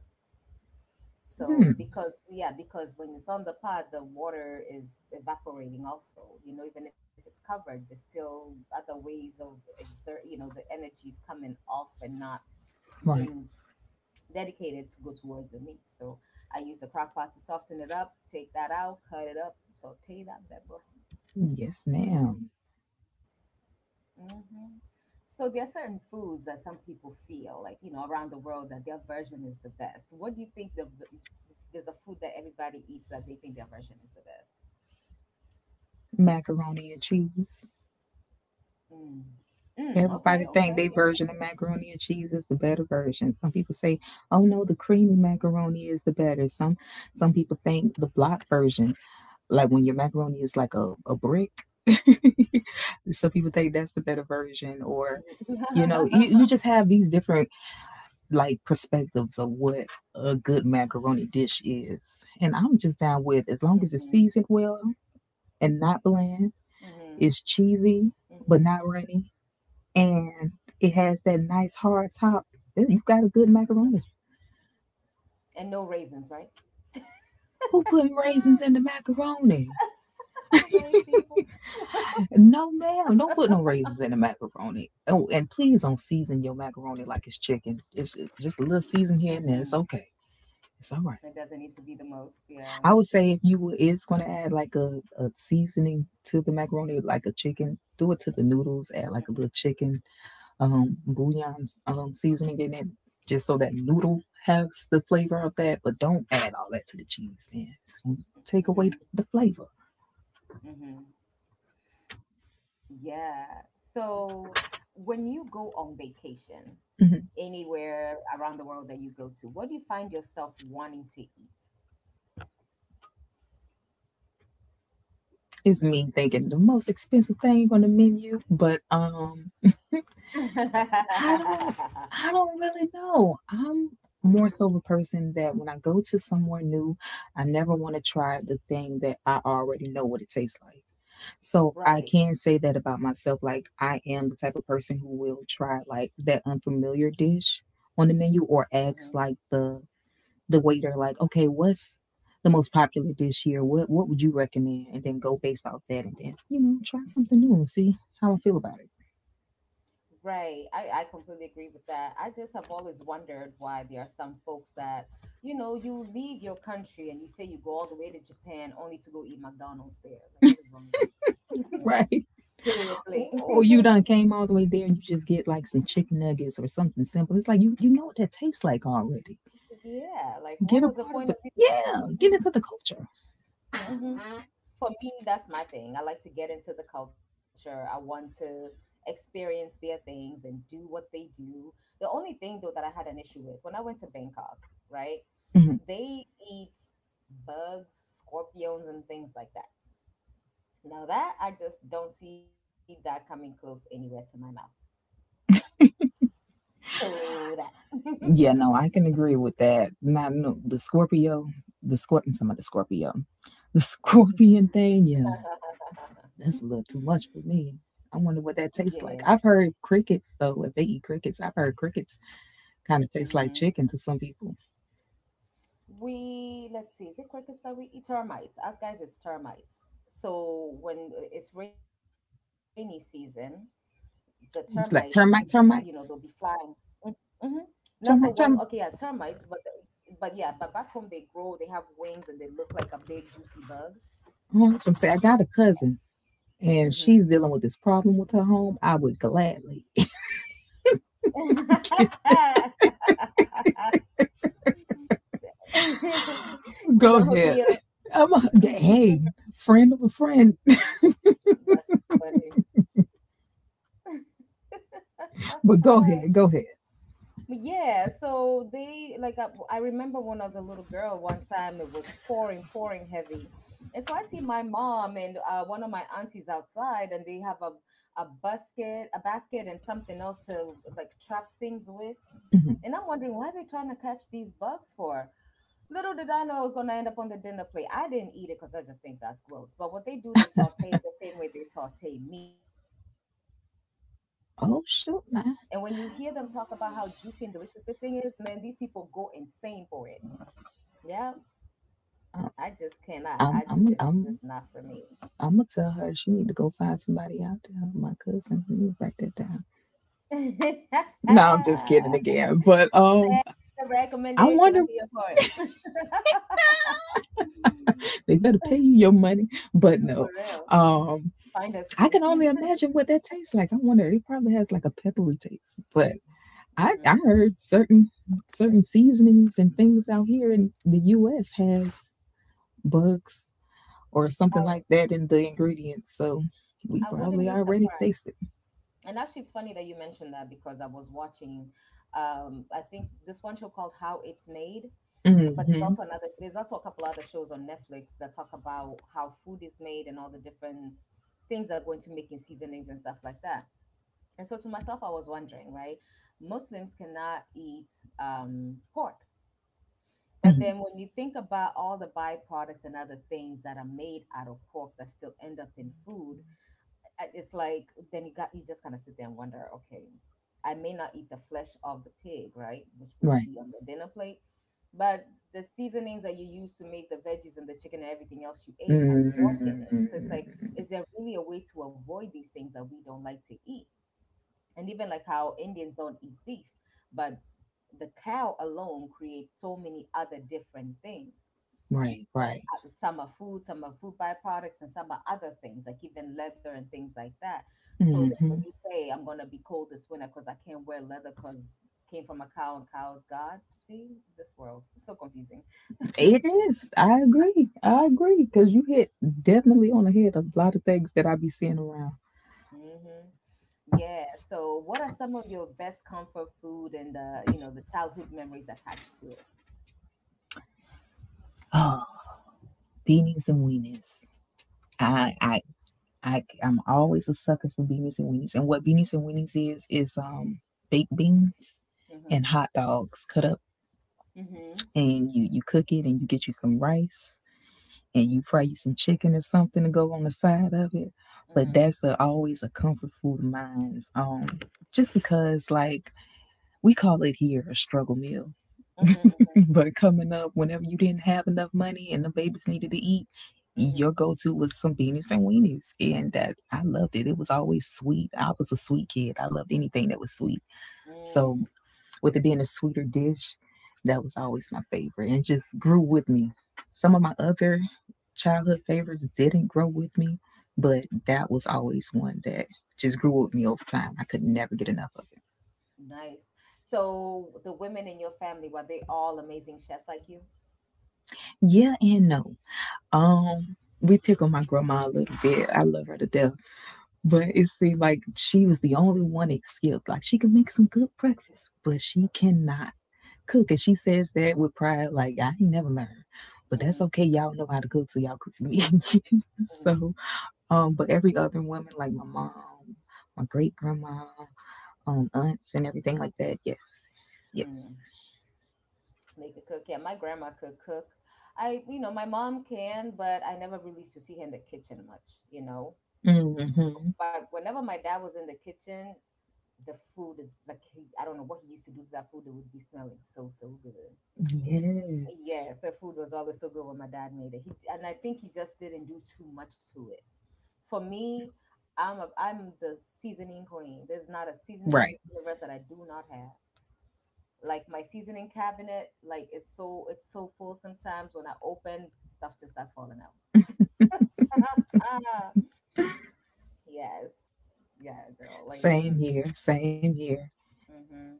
S1: So
S2: Hmm.
S1: because yeah, because when it's on the pad, the water is evaporating also. You know, even if it's covered, there's still other ways of exert. You know, the energy is coming off and not
S2: Right.
S1: being dedicated to go towards the meat. So I use the crock pot to soften it up, take that out, cut it up, saute that bad boy.
S2: Yes, ma'am.
S1: Hmm So there are certain foods that some people feel like, you know, around the world that their version is the best. What do you think there's a food that everybody eats that they think their version is the best?
S2: Macaroni and cheese.
S1: Mm. Mm, okay,
S2: Everybody
S1: okay.
S2: think their version of macaroni and cheese is the better version. Some people say, "Oh no, the creamy macaroni is the better." Some people think the block version, like when your macaroni is like a brick.
S1: Yeah.
S2: Some people think
S1: Mhm.
S2: that's the better version or you know, you just have these different like perspectives of what a good macaroni dish is. And I'm just down
S1: mhm.
S2: with as long as it's seasoned well and not
S1: Mhm.
S2: bland, it's
S1: Mhm.
S2: cheesy but not runny and it has that nice hard top. You've got a good macaroni.
S1: And no raisins, right?
S2: Who putting
S1: Ah,
S2: raisins in the macaroni?
S1: the beige people.
S2: No, ma'am. Don't put no raisins in the macaroni. Oh, and please don't season your macaroni like it's chicken. It's just a little season
S1: Mhm.
S2: here and there. It's okay. It's
S1: It
S2: all right.
S1: doesn't need to be the most. Yeah.
S2: I would say if you were, is going to add like a seasoning to the macaroni, like a chicken, do it to the noodles. Add like a little chicken bouillon seasoning in it, just so that noodle has the flavor of that. But don't add all that to the cheese, man. It's gonna take
S1: Mhm.
S2: away the flavor.
S1: Mhm. Yeah. So, when you go on vacation
S2: Mhm.
S1: anywhere around the world that you go to, what do you find yourself wanting to eat?
S2: It's me thinking the most expensive thing on the menu, but I don't, I don't really know. I'm more so of a person that when I go to somewhere new, I never want to try the thing that I already know what it tastes like. So I
S1: right.
S2: can say that about myself. Like I am the type of person who will try like that unfamiliar dish on the menu or
S1: Mm-hmm.
S2: ask like the waiter like, okay, what's the most popular dish here? What would you recommend? And then go based off that and then, you know, try something new and see how I feel about it.
S1: Right. I completely agree with that. I just have always wondered why there are some folks that, you know, you leave your country and you say you go all the way to Japan only to go eat McDonald's there. Like, what is wrong with you?
S2: Right.
S1: Seriously.
S2: Or you done came all the way there and you just get like some chicken nuggets or something simple. It's like you know what that tastes like already.
S1: Yeah. Like, what
S2: Get a
S1: was the
S2: part of
S1: point of
S2: the
S1: you?
S2: yeah, get into the culture.
S1: Hmm For me, that's my thing. I like to get into the culture. I want to experience their things and do what they do. The only thing, though, that I had an issue with when I went to Bangkok, right?
S2: Mhm.
S1: They eat bugs, scorpions, and things like that. Now, that I just don't see that coming close anywhere to my mouth. So, that.
S2: Yeah, no, I can agree with that. Not no, the Scorpio, the Scorpion, some of the Scorpio, the
S1: Mm.
S2: Scorpion thing. Yeah, that's a little too much for me. I wonder what that
S1: Yeah.
S2: tastes like. I've heard crickets though. If they eat crickets, I've heard crickets kind of taste like
S1: hmm
S2: chicken to some people.
S1: We, let's see, is it crickets that we eat? Termites, us guys, it's termites. So when it's rainy season, the termites,
S2: It's
S1: you
S2: like
S1: know, they'll be flying.
S2: termites,
S1: Mm, mm-hmm. Not the one, okay, yeah,
S2: termite, term.
S1: termites, but yeah, but back home they have wings and they look like a big juicy bug.
S2: Oh, I was gonna say I got a cousin and
S1: Hmm
S2: she's dealing with this problem with her home. I would gladly
S1: You
S2: go
S1: gonna hook me
S2: ahead.
S1: up.
S2: I'm a hey friend of a friend,
S1: That's funny.
S2: but go ahead.
S1: Yeah, so they like I remember when I was a little girl. One time it was pouring, pouring heavy, and so I see my mom and one of my aunties outside, and they have a basket, and something else to like trap things with.
S2: Mm-hmm.
S1: And I'm wondering why are they trying to catch these bugs for? Little did I know it was going to end up on the dinner plate. I didn't eat it because I just think that's gross. But what they do, they saute it the same way they saute meat. And when you hear them talk about how
S2: Oh
S1: juicy and
S2: shoot,
S1: delicious
S2: nah.
S1: this thing is, man, these people go insane for it. Yeah, I just cannot.
S2: Uh,
S1: It's just
S2: I'm
S1: not for
S2: I'm I'm
S1: me.
S2: I'm I'ma tell her she need to go find somebody out there. My cousin, let me write that down.
S1: The
S2: No, I'm just kidding again. But I
S1: recommendation,
S2: wonder
S1: I'm here for it.
S2: they better pay you your money. But
S1: For
S2: no.
S1: real. Mm.
S2: Um
S1: Find us
S2: I can
S1: fee.
S2: only imagine what that tastes like. I wonder it probably has like a peppery taste. But I
S1: hmm
S2: heard certain seasonings and things out here in the US has bugs or something
S1: I,
S2: like that in the ingredients. So we
S1: I wouldn't
S2: probably
S1: be
S2: already
S1: surprised.
S2: tasted.
S1: And actually, it's funny that you mentioned that because I was watching, I think this one show called How It's Made, but
S2: Mm-hmm.
S1: there's also a couple other shows on Netflix that talk about how food is made and all the different things that go into making seasonings and stuff like that. And so to myself, I was wondering, right? Muslims cannot eat pork. But
S2: Mm-hmm.
S1: then when you think about all the byproducts and other things that are made out of pork that still end up in food, it's like then you just kind of sit there and wonder, okay, I may not eat the flesh of the pig, right, which would
S2: Right.
S1: be on the dinner plate, but the seasonings that you use to make the veggies and the chicken and everything else you ate has pork in it. So it's like,
S2: Mm-hmm.
S1: is there really a way to avoid these things that we don't like to eat? And even like how Indians don't eat beef, but the cow alone creates so many other different things.
S2: Right. Right.
S1: Some are food, some are food byproducts, and some are other things, like even leather and things like that. So that when you
S2: Mm-hmm.
S1: say, I'm going to be cold this winter because I can't wear leather because came from a cow and cow's God. See, this world, so confusing.
S2: It is. I agree. I agree. Because you hit definitely on the head a lot of things that I be seeing around.
S1: hmm Yeah. So what are some of your best comfort food and, the the childhood memories attached to it?
S2: Oh, beanies and weenies. I, I, I'm always a sucker for beanies and weenies. And what beanies and weenies is baked beans
S1: Mm-hmm.
S2: and hot dogs cut up,
S1: Hmm.
S2: and you cook it, and you get you some rice and you fry you some chicken or something to go on the side of it. But
S1: Hmm.
S2: that's a, always a comfort food of mine. Just because like we call it here a struggle meal.
S1: Hmm.
S2: But coming up, whenever you didn't have enough money and the babies needed to eat,
S1: Hmm.
S2: your go-to was some beanies and weenies, and that I loved it. It was always sweet. I was a sweet kid. I loved anything that was sweet. So
S1: Mm.
S2: with it being a sweeter dish. That was always my favorite, and it just grew with me. Some of my other childhood favorites didn't grow with me, but that was always one that just grew with me over time. I could never get enough of it.
S1: Nice. So the women in your family, were they all amazing chefs like you?
S2: Yeah and no. We pick on my grandma a little bit. I love her to death, but
S1: Mhm.
S2: it seemed like she was the only one that skipped. Like she could make some good breakfast, but she cannot cook, and she says that with pride like I ain't never learned, but that's
S1: Mhm.
S2: okay, y'all know how to cook, so y'all cook for me.
S1: Mhm.
S2: So but every other woman like my mom, my great grandma, aunts and everything like that, yes,
S1: Mhm.
S2: yes.
S1: They could cook. Yeah, my grandma could cook. I, you know, my mom can, but I never really used to see her in the kitchen much, you know.
S2: Mm-hmm.
S1: But whenever my dad was in the kitchen, the food is like, he, I don't know what he used to do to that food. It would be smelling so so good.
S2: Yes.
S1: Yes, the food was always so good when my dad made it. He and I think he just didn't do too much to it. For me, I'm the seasoning queen. There's not a seasoning in
S2: Right.
S1: this universe that I do not have. Like my seasoning cabinet, like it's so, it's so full, sometimes when I open, stuff just starts falling out. Yes. Yeah, girl, like, mm.
S2: Same here, same here.
S1: Hmm.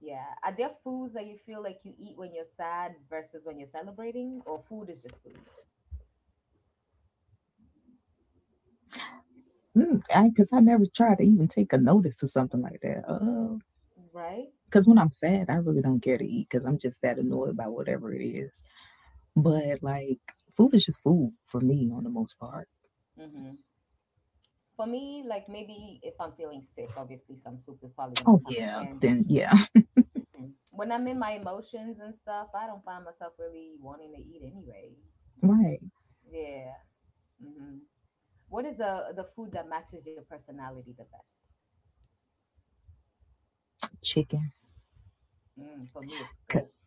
S1: Yeah, are there foods that you feel like you eat when you're sad versus when you're celebrating, or food is just food?
S2: Cause I never try to even take a notice to something like that. Oh,
S1: Right.
S2: because when I'm sad I really don't care to eat because I'm just that annoyed by whatever it is. But like food is just food for me on the most part.
S1: Hmm. For me, like, maybe if I'm feeling sick, obviously some soup is probably going to
S2: Oh
S1: come in
S2: yeah,
S1: handy.
S2: then yeah.
S1: Mhm. When I'm in my emotions and stuff, I don't find myself really wanting to eat anyway.
S2: Right.
S1: Yeah. Hmm. What is the food that matches your personality the best?
S2: Chicken.
S1: Mm, for me, it's goat.
S2: 'Cause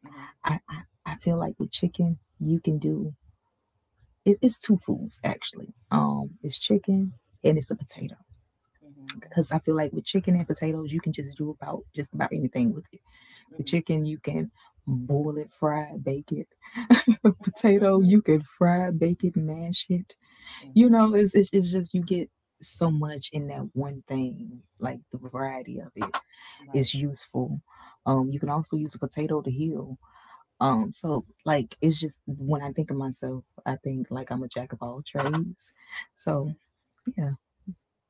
S1: Hmm.
S2: I feel like with chicken you can do it's two foods actually. It's chicken and it's a potato.
S1: Hmm.
S2: Because I feel like with chicken and potatoes you can just do about just about anything with it. With
S1: Hmm.
S2: chicken you can boil it, fry it, bake it. Potato
S1: Hmm.
S2: you can fry, bake it, mash it. You
S1: Hmm.
S2: know, it's it's just you get so much in that one thing. Like the variety of it
S1: Right.
S2: is useful. You can also use a potato to heal. So like it's just when I think of myself, I think like I'm a jack of all trades. So
S1: Hmm.
S2: yeah,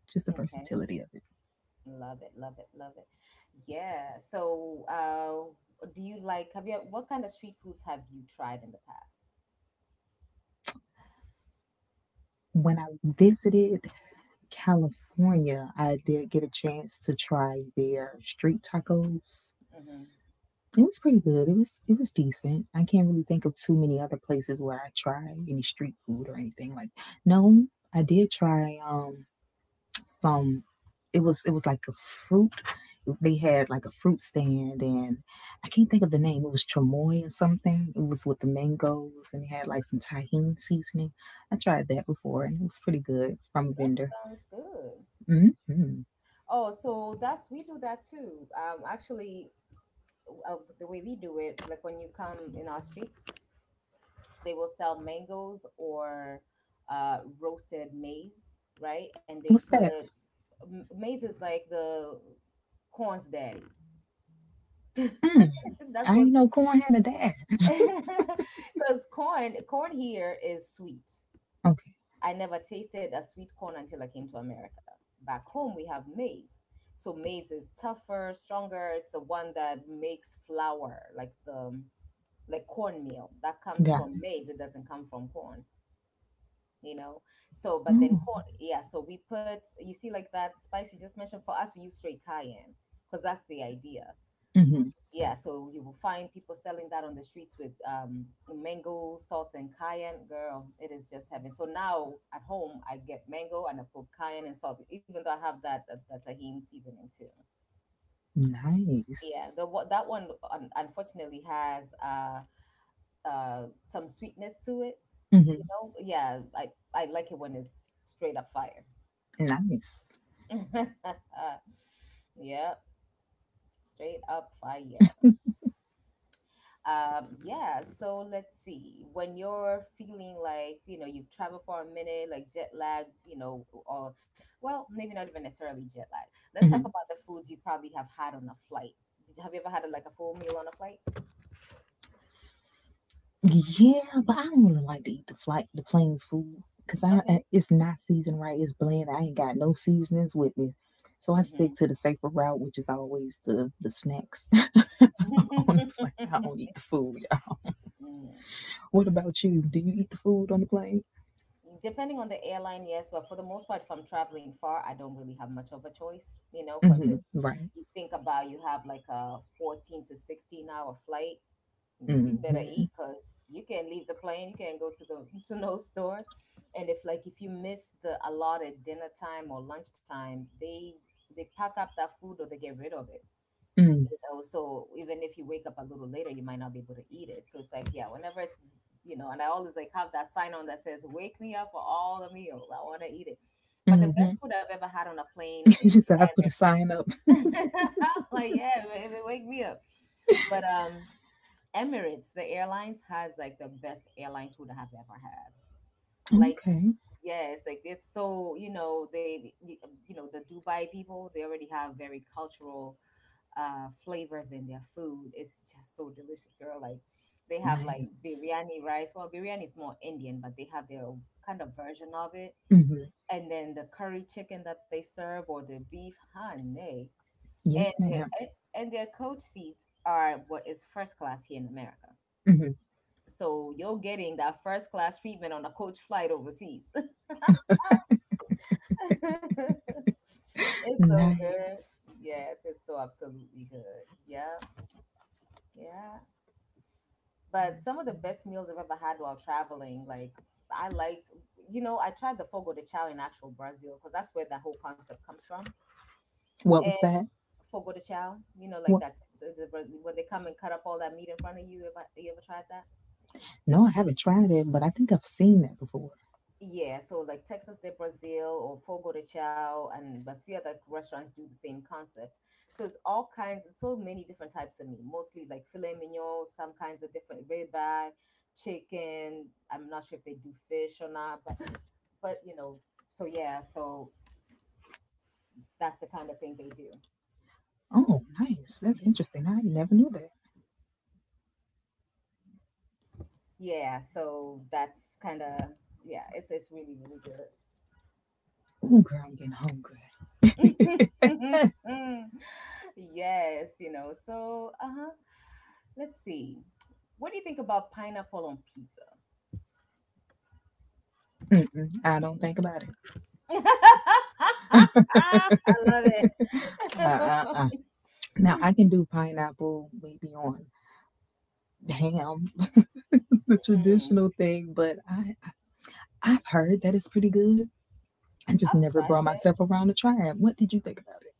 S2: just the
S1: Okay.
S2: versatility of it.
S1: Love it. Love it. Love it. Yeah. So, do you like? Have you? What kind of street foods have you tried in the past?
S2: When I visited California, I did get a chance to try their street tacos.
S1: Hmm.
S2: It was pretty good. It was decent. I can't really think of too many other places where I tried any street food or anything like. No, I did try some. It was like a fruit. They had like a fruit stand, and I can't think of the name. It was chamoy or something. It was with the mangoes, and it had like some tahini seasoning. I tried that before, and it was pretty good from a
S1: That
S2: vendor.
S1: sounds good.
S2: Mm-hmm.
S1: Oh, so that's, we do that too. Actually, the way we do it, like when you come in our streets, they will sell mangoes or roasted maize, right? And they
S2: What's that?
S1: put, maize is like the corn's daddy.
S2: Mm,
S1: That's
S2: I
S1: what.
S2: ain't know corn had a dad.
S1: Because corn here is sweet.
S2: Okay,
S1: I never tasted a sweet corn until I came to America. Back home we have maize. So maize is tougher, stronger. It's the one that makes flour, like the cornmeal. That comes
S2: got.
S1: from
S2: It.
S1: maize. It doesn't come from corn. You know, so but then
S2: Oh.
S1: corn, yeah, so we put, you see like that spice you just mentioned, for us we use straight cayenne because that's the idea.
S2: Hmm.
S1: Yeah, so you will find people selling that on the streets with mango, salt, and cayenne. Girl, it is just heaven. So now at home I get mango and I put cayenne and salt, even though I have that tahini seasoning too. Yeah,
S2: Nice.
S1: that one unfortunately has some sweetness to it, you
S2: Hmm.
S1: know. Yeah, I like it when it's straight up fire.
S2: Nice.
S1: Yep, straight up fire. Yeah, so let's see. When you're feeling like, you know, you've traveled for a minute, like jet lag, you know, or, well, maybe not even necessarily jet lag. Let's talk
S2: Hmm.
S1: about the foods you probably have had on a flight. Have you ever had a, like a full meal on a flight?
S2: Yeah, but I don't really like to eat the flight, the plane's food, cause
S1: Okay.
S2: it's not seasoned right. It's bland. I ain't got no seasonings with me, so I stick to the safer route, which is always the snacks on the plane. I don't
S1: Mm-hmm.
S2: eat the food. Y'all. What about you? Do you eat the food on the plane?
S1: Depending on the airline, yes, but for the most part, if I'm traveling far, I don't really have much of a choice, you know, because if
S2: Hmm. Right.
S1: you think about, you have like a 14 to 16 hour flight, you better
S2: Mm-hmm.
S1: eat because you can't leave the plane, you can't go to the to no store, and if like if you miss the allotted dinner time or lunchtime, they pack up that food or they get rid of it. You know, so even if you wake up a little later, you might not be able to eat it. So it's like, yeah, whenever it's, you know, and I always like have that sign on that says, wake me up for all the meals, I want to eat it. But the
S2: Mm-hmm.
S1: best food I've ever had on a plane is
S2: She said I put a sign up.
S1: Emirates. Like, yeah, baby, wake me up. But um, Emirates, the airlines, has like the best airline food I have ever had. Like,
S2: Okay.
S1: yes. Like it's so, you know, they, you know, the Dubai people, they already have very cultural flavors in their food. It's just so delicious, girl. Like they have like
S2: Nice.
S1: biryani rice. Well, biryani is more Indian, but they have their own kind of version of it.
S2: Hmm.
S1: And then the curry chicken that they serve, or the beef, honey. And
S2: Yes,
S1: their,
S2: madam.
S1: and and their coach seats are what is first class here in America.
S2: Mm-hmm.
S1: So you're getting that first class treatment on a coach flight overseas. It's so good.
S2: Nice.
S1: Yes, it's so absolutely good. Yeah, yeah. But some of the best meals I've ever had while traveling, like I liked, you know, I tried the fogo de chao in actual Brazil because that's where the whole concept comes from.
S2: What was
S1: And
S2: that?
S1: fogo de chao, you know, like
S2: What?
S1: that, so when they come and cut up all that meat in front of you, you ever tried that?
S2: No, I haven't tried it, but I think I've seen that before.
S1: Yeah, so like Texas de Brazil or Fogo de Chao, and a few other restaurants do the same concept. So it's all kinds and so many different types of meat, mostly like filet mignon, some kinds of different ribeye, chicken. I'm not sure if they do fish or not, but you know, so yeah, so that's the kind of thing they do.
S2: Oh, nice. That's interesting. I never knew that.
S1: Yeah, so that's kind of, yeah, it's really really
S2: Oh, girl, I'm getting hungry.
S1: good. Yes, you know, so uh huh. Let's see. What do you think about pineapple on pizza?
S2: Mm-mm, I don't think about
S1: I
S2: it.
S1: love it. Mm,
S2: Uh-uh-uh. Now I can do pineapple maybe on ham, the traditional thing, but I've heard that it's pretty good. I just
S1: I've
S2: never
S1: tried
S2: brought
S1: it.
S2: myself around to try it. What did you think about it?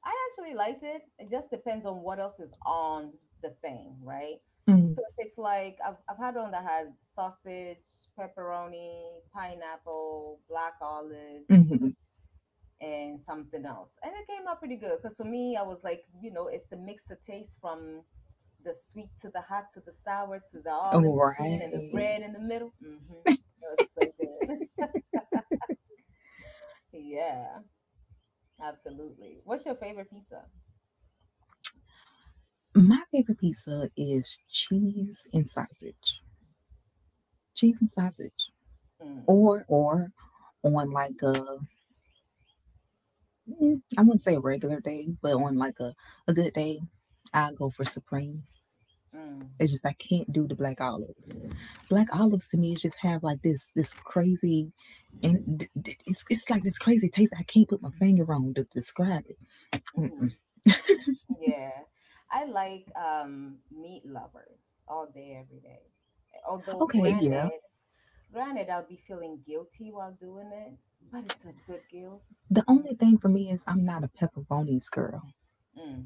S1: I actually liked it. It just depends on what else is on the thing, right? So if it's like, I've had one that had sausage, pepperoni, pineapple, black
S2: Mm,
S1: olives,
S2: hmm.
S1: and something else. And it came out pretty good because for me, I was like, you know, it's the mix of taste from the sweet to the hot to the sour to the all
S2: All
S1: in between and the
S2: right.
S1: red in the middle. Mm-hmm. It was so good. Yeah, absolutely. What's your favorite pizza?
S2: My favorite pizza is cheese and sausage. cheese and sausage,
S1: Mm.
S2: or on like a mm, I wouldn't say a regular day, but on like a good day, I go for supreme.
S1: Mm.
S2: It's just I can't do the black olives. Black olives to me is just have like this crazy. And it's like this crazy taste I can't put my finger on to describe it.
S1: Hmm.
S2: Mm-mm.
S1: Yeah, I like meat lovers all day, every day. Although,
S2: Okay, yeah.
S1: granted, I'll be feeling guilty while doing it, but it's such good guilt.
S2: The
S1: Mm.
S2: only thing for me is I'm not a pepperonis girl.
S1: Mm.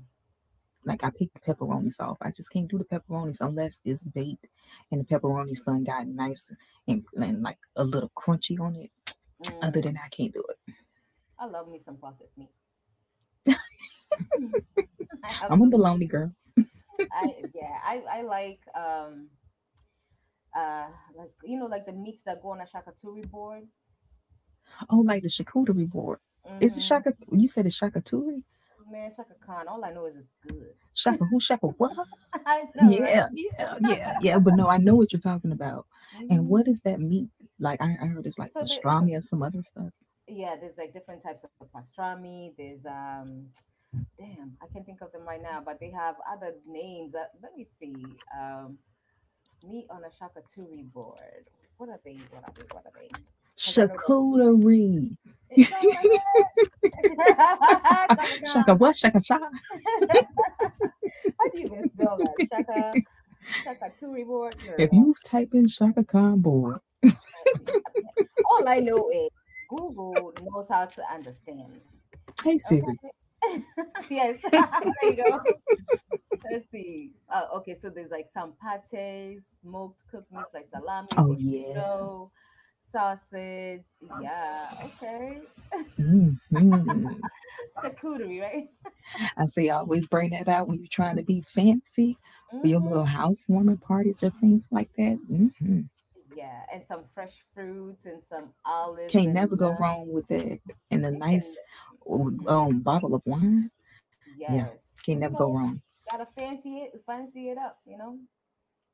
S2: Like I picked the pepperonis off. I just can't do the pepperonis unless it's baked and the pepperonis done got nice and like a little crunchy on it. Other than
S1: Mm.
S2: that, I can't do it.
S1: I love me some processed meat. I
S2: I'm a
S1: absolutely
S2: bologna
S1: do.
S2: girl.
S1: I yeah, I uh like you know like the meats that go on a shakaturi board.
S2: Oh, like the charcuterie board. Is it
S1: Mm-hmm.
S2: shaka? You said it's shakaturi?
S1: Man, Shaka Khan, all I know is it's good.
S2: Shaka who? Shaka what?
S1: I know,
S2: Yeah,
S1: right?
S2: yeah, yeah, yeah. But no, I know what you're talking about. And what
S1: Hmm.
S2: is that meat? Like I heard it's like
S1: So there's,
S2: pastrami or some other stuff.
S1: yeah, there's like different types of pastrami. There's damn, I can't think of them right now, but they have other names. Let me see. Meat on a shakaturi board. What are they? What are they? What are they? Because I know that,
S2: Charcuterie.
S1: is that what I said? Shaka
S2: Shaka
S1: Khan.
S2: what? Shaka cha.
S1: How do you even spell that? Shaka Turi board,
S2: If
S1: girl.
S2: you type in Shaka Khan board,
S1: All I know is Google knows how to understand me.
S2: hey Siri.
S1: Okay. Yes. There you go. Let's see. Okay, so there's like some pates, smoked cooked meats like salami,
S2: Oh yeah.
S1: prosciutto, sausage. Yeah. Okay.
S2: Hmm.
S1: Charcuterie, right?
S2: I say I always bring that out when you're trying to be fancy for your little
S1: Mm-hmm.
S2: housewarming parties or things like that. Hmm.
S1: Yeah, and some fresh fruits and some olives
S2: Can't
S1: and
S2: never go wrong with that. And a
S1: you can.
S2: nice
S1: Mm-hmm.
S2: bottle of wine. Yeah,
S1: Yes.
S2: can't never go wrong.
S1: Gotta fancy it up, you know?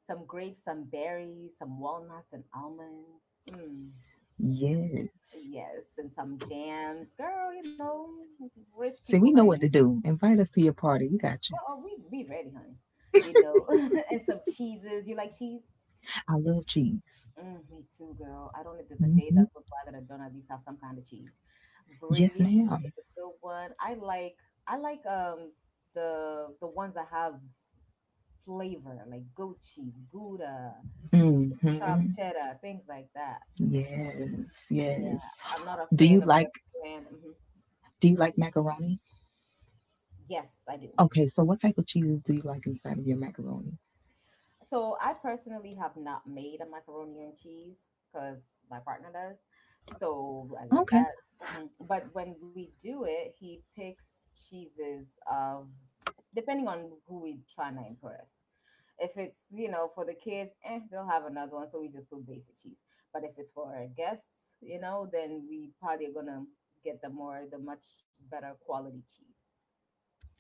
S1: Some grapes, some berries, some walnuts and almonds. Mm.
S2: Yes.
S1: Yes, and some jams. Girl, you know, rich
S2: See,
S1: people
S2: we know what to
S1: things.
S2: do. Invite us to your party. We got
S1: Well,
S2: you.
S1: oh, we ready, honey. You know, and some cheeses. You like cheese?
S2: I love cheese.
S1: Mm, me too, girl. I don't know if there's a day
S2: Hmm.
S1: that goes by that I don't at least have some kind of cheese.
S2: Yes,
S1: Brie is
S2: madam.
S1: a good one. I like the ones that have flavor, like goat cheese, Gouda, sharp
S2: Hmm.
S1: cheddar, things like that.
S2: Yes,
S1: Yeah,
S2: yes.
S1: I'm not a
S2: Do
S1: fan
S2: you
S1: of
S2: like
S1: just bland. Hmm.
S2: do you like macaroni?
S1: Yes, I do.
S2: Okay, so what type of cheeses do you like inside of your macaroni?
S1: So I personally have not made a macaroni and cheese because my partner does. So I let
S2: Okay,
S1: that. Hmm. But when we do it, he picks cheeses of, depending on who we're trying to impress. If it's, you know, for the kids, eh, they'll have another one. So we just put basic cheese. But if it's for our guests, you know, then we probably are gonna get the much better quality cheese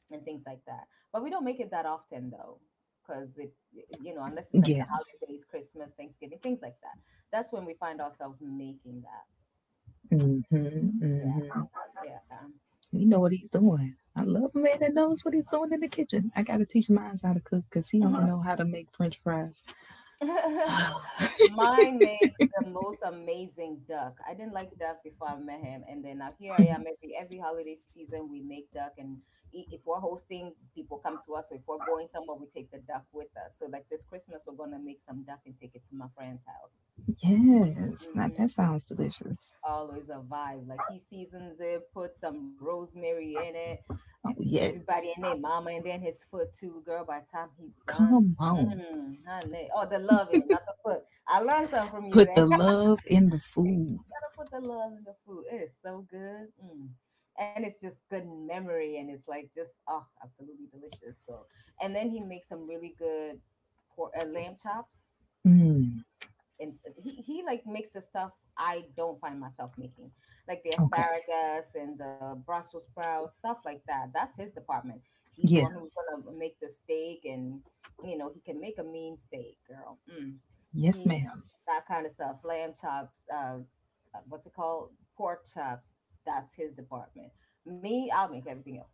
S1: and things like that. But we don't make it that often though, because it, you know, unless it's like the
S2: yeah.
S1: holidays, Christmas, Thanksgiving, things like that. That's when we find ourselves making that.
S2: Mm-hmm, mm-hmm.
S1: Yeah,
S2: You know what he's doing. I love a man that knows what he's doing in the kitchen. I gotta teach mine how to cook because he don't
S1: yeah.
S2: know how to make French fries.
S1: Mine makes the most amazing duck. I didn't like duck before I met him, and then now here I am. Every holiday season, we make duck, and if we're hosting, people come to us. Or if we're going somewhere, we take the duck with us. So like this Christmas, we're gonna make some duck and take it to my friend's
S2: Yes, now that
S1: house.
S2: sounds delicious.
S1: Always a vibe. Like he seasons it, put some rosemary in it,
S2: Oh
S1: everybody
S2: yes,
S1: and their mama, and then his foot too, girl. By the time he's done,
S2: come on,
S1: mm, honey. Oh, the love in it, not the foot. I learned something from you
S2: put the
S1: today.
S2: love in the
S1: You
S2: food.
S1: gotta put the love in the food. It's so good. Mm. And it's just good memory, and it's like just, oh, absolutely delicious. So, and then he makes some really good pork, lamb chops,
S2: Mm,
S1: and he like makes the stuff I don't find myself making, like the
S2: okay,
S1: asparagus and the Brussels sprouts, stuff like that. That's his department. He's the one
S2: yeah,
S1: who's gonna make the steak, and you know he can make a mean steak, girl. Mm.
S2: yes,
S1: He,
S2: ma'am.
S1: that kind of stuff, lamb chops, what's it called, pork chops. That's his department. Me, I'll make everything else.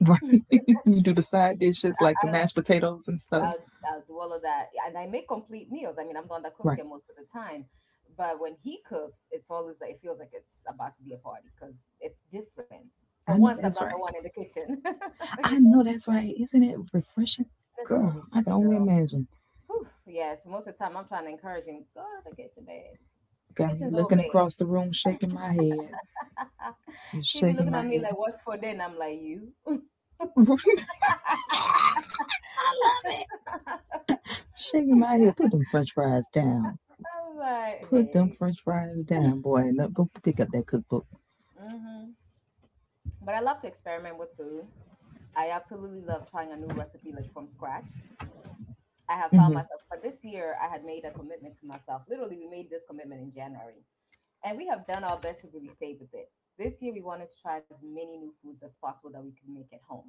S2: Right, you do the side dishes like the
S1: I
S2: mashed potatoes and stuff.
S1: I'll do all of that. And I make complete meals. I mean, I'm the one that cooks
S2: Right,
S1: here most of the time. But when he cooks, it's always like, it feels like it's about to be a party because it's different. For
S2: I
S1: once,
S2: know
S1: I'm not
S2: that's
S1: the one
S2: right.
S1: in the kitchen. You.
S2: I know that's right. Isn't it refreshing?
S1: It's so
S2: Girl, I can
S1: refreshing,
S2: only
S1: girl.
S2: imagine.
S1: Whew. Yes, most of the time I'm trying to encourage him, go to the kitchen, babe.
S2: Got me
S1: Kitchen's over
S2: looking
S1: there.
S2: across the room, shaking my head. Just
S1: He be looking
S2: shaking
S1: at
S2: my
S1: me like,
S2: head.
S1: what's for dinner? I'm like, you.
S2: I love it. Shaking my head. Put them french fries down.
S1: I'm like,
S2: Put them
S1: hey.
S2: french fries down, boy. And up, go pick up that cookbook.
S1: Hmm. But I love to experiment with food. I absolutely love trying a new recipe like from scratch. I have found
S2: Hmm.
S1: myself. But this year, I had made a commitment to myself. Literally, we made this commitment in January, and we have done our best to really stay with it. This year, we wanted to try as many new foods as possible that we could make at home.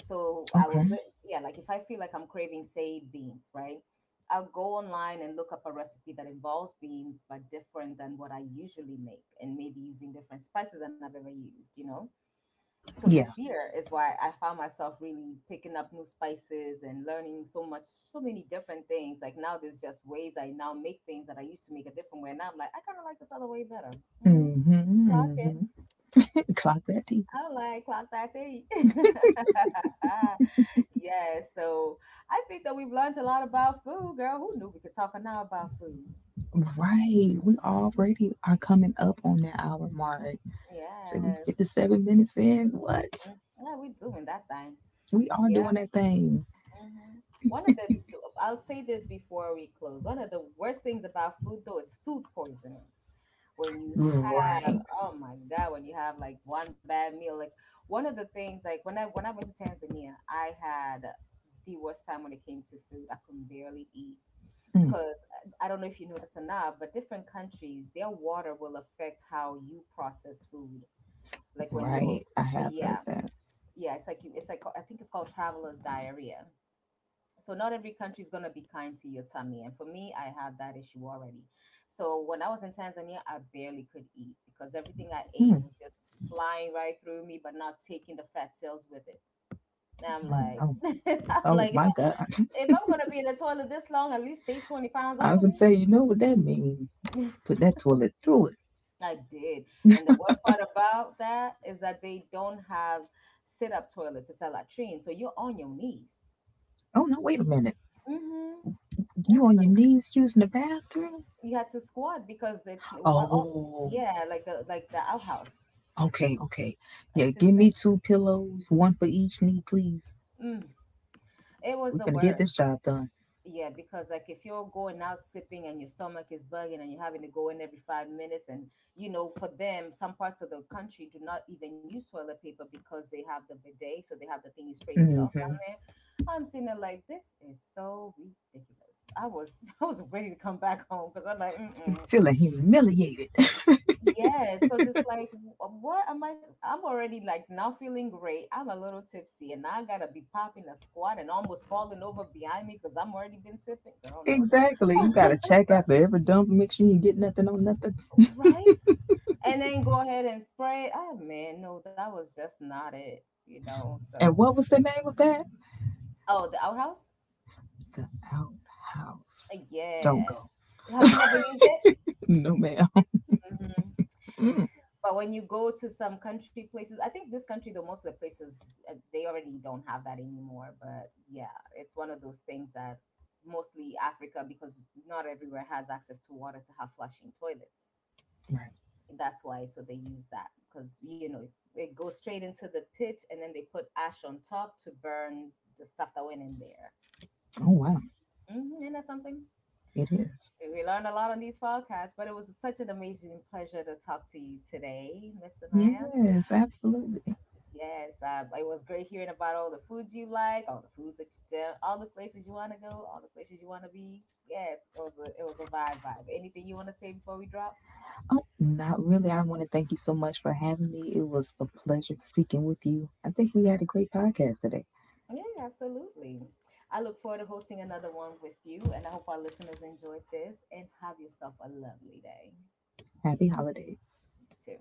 S1: So I will,
S2: Okay.
S1: yeah, like if I feel like I'm craving, say, beans, right? I'll go online and look up a recipe that involves beans, but different than what I usually make, and maybe using different spices than I've ever used, you know? So this
S2: Yeah.
S1: year is why I found myself really picking up new spices and learning so much, so many different things. Like now, there's just ways I now make things that I used to make a different way. And now I'm like, I kind of like this other way better. Hmm. Clock
S2: Mm-hmm.
S1: it.
S2: Hmm. Clock that tea.
S1: I'm like, clock that tea. Yeah. So I think that we've learned a lot about food, girl. Who knew we could talk now about food?
S2: Right. We already are coming up on that hour mark. Say we
S1: Yes.
S2: 57 minutes in.
S1: Mm,
S2: What?
S1: yeah, we doing that thing.
S2: We are
S1: Yeah.
S2: doing that thing.
S1: Mhm. One of the- I'll say this before we close. One of the worst things about food, though, is food poisoning. When you have,
S2: Right.
S1: oh my God, when you have like one bad meal, like one of the things, like when I went to Tanzania, I had the worst time when it came to food. I could barely eat
S2: Mm.
S1: because I don't know if you know this or not, but different countries, their water will affect how you process food. Like when you're,
S2: Right. I have
S1: yeah,
S2: heard that.
S1: yeah, it's like you, it's like I think it's called traveler's diarrhea. So not every country is going to be kind to your tummy, and for me, I have that issue already. So when I was in Tanzania, I barely could eat because everything I ate
S2: Hmm.
S1: was just flying right through me, but not taking the fat cells with it. Now I'm
S2: Oh
S1: like,
S2: no.
S1: I'm
S2: Oh
S1: like, if,
S2: my
S1: I,
S2: God.
S1: if I'm going to be in the toilet this long, at least take 20 pounds
S2: I
S1: off
S2: was
S1: of
S2: gonna
S1: me.
S2: say, you know what that means? Put that toilet through it.
S1: I did. And the worst part about that is that they don't have sit up toilets. It's a latrine. So you're on your knees.
S2: Oh no, wait a minute.
S1: Mm-hmm.
S2: You
S1: That's,
S2: on your knees using the bathroom?
S1: we had to squat because it's all,
S2: Oh
S1: yeah, like the, like the outhouse,
S2: okay, okay.
S1: it's
S2: Yeah, give
S1: insane.
S2: me 2 pillows, one for each knee, please.
S1: Mm, it was
S2: We're
S1: the
S2: gonna get
S1: worst.
S2: this job done.
S1: Yeah, because like if you're going out sipping and your stomach is bugging and you're having to go in every 5 minutes, and you know, for them, some parts of the country do not even use toilet paper because they have the bidet. So they have the thing you spray yourself
S2: Mm-hmm.
S1: down there. I'm sitting there like, this is so ridiculous. I was, I was ready to come back home because I'm like, mm.
S2: Feeling humiliated.
S1: Yes, because it's like, what am I? I'm already like now feeling great. I'm a little tipsy, and now I gotta be popping a squat and almost falling over behind me because I'm already been sipping. Girl, no,
S2: Exactly. You gotta check after every dump, make sure you get nothing on nothing.
S1: right? And then go ahead and spray. Oh man, no, that was just not it. You know. So,
S2: And what was the name of that?
S1: oh, the outhouse.
S2: The outhouse. Don't
S1: Yeah.
S2: go.
S1: Have you never used it?
S2: No, ma'am.
S1: Mhm. But when you go to some country places, I think this country, though, most of the places, they already don't have that anymore. But yeah, it's one of those things that, mostly Africa, because not everywhere has access to water to have flushing toilets.
S2: Right.
S1: That's why, so they use that because, you know, it goes straight into the pit, and then they put ash on top to burn the stuff that went in there.
S2: Oh, wow.
S1: Hmm. Isn't that something?
S2: It is.
S1: We learned a lot on these podcasts, but it was such an amazing pleasure to talk to you today, Miss Amaya.
S2: Yes, absolutely.
S1: Yes, it was great hearing about all the foods you like, all the foods that you do, all the places you want to go, all the places you want to be. Yes, it was a, it was a vibe. Anything you want to say before we drop?
S2: Oh, not really. I want to thank you so much for having me. It was a pleasure speaking with you. I think we had a great podcast today.
S1: Yeah, absolutely. I look forward to hosting another one with you, and I hope our listeners enjoyed this and have yourself a lovely day
S2: Happy holidays.
S1: too.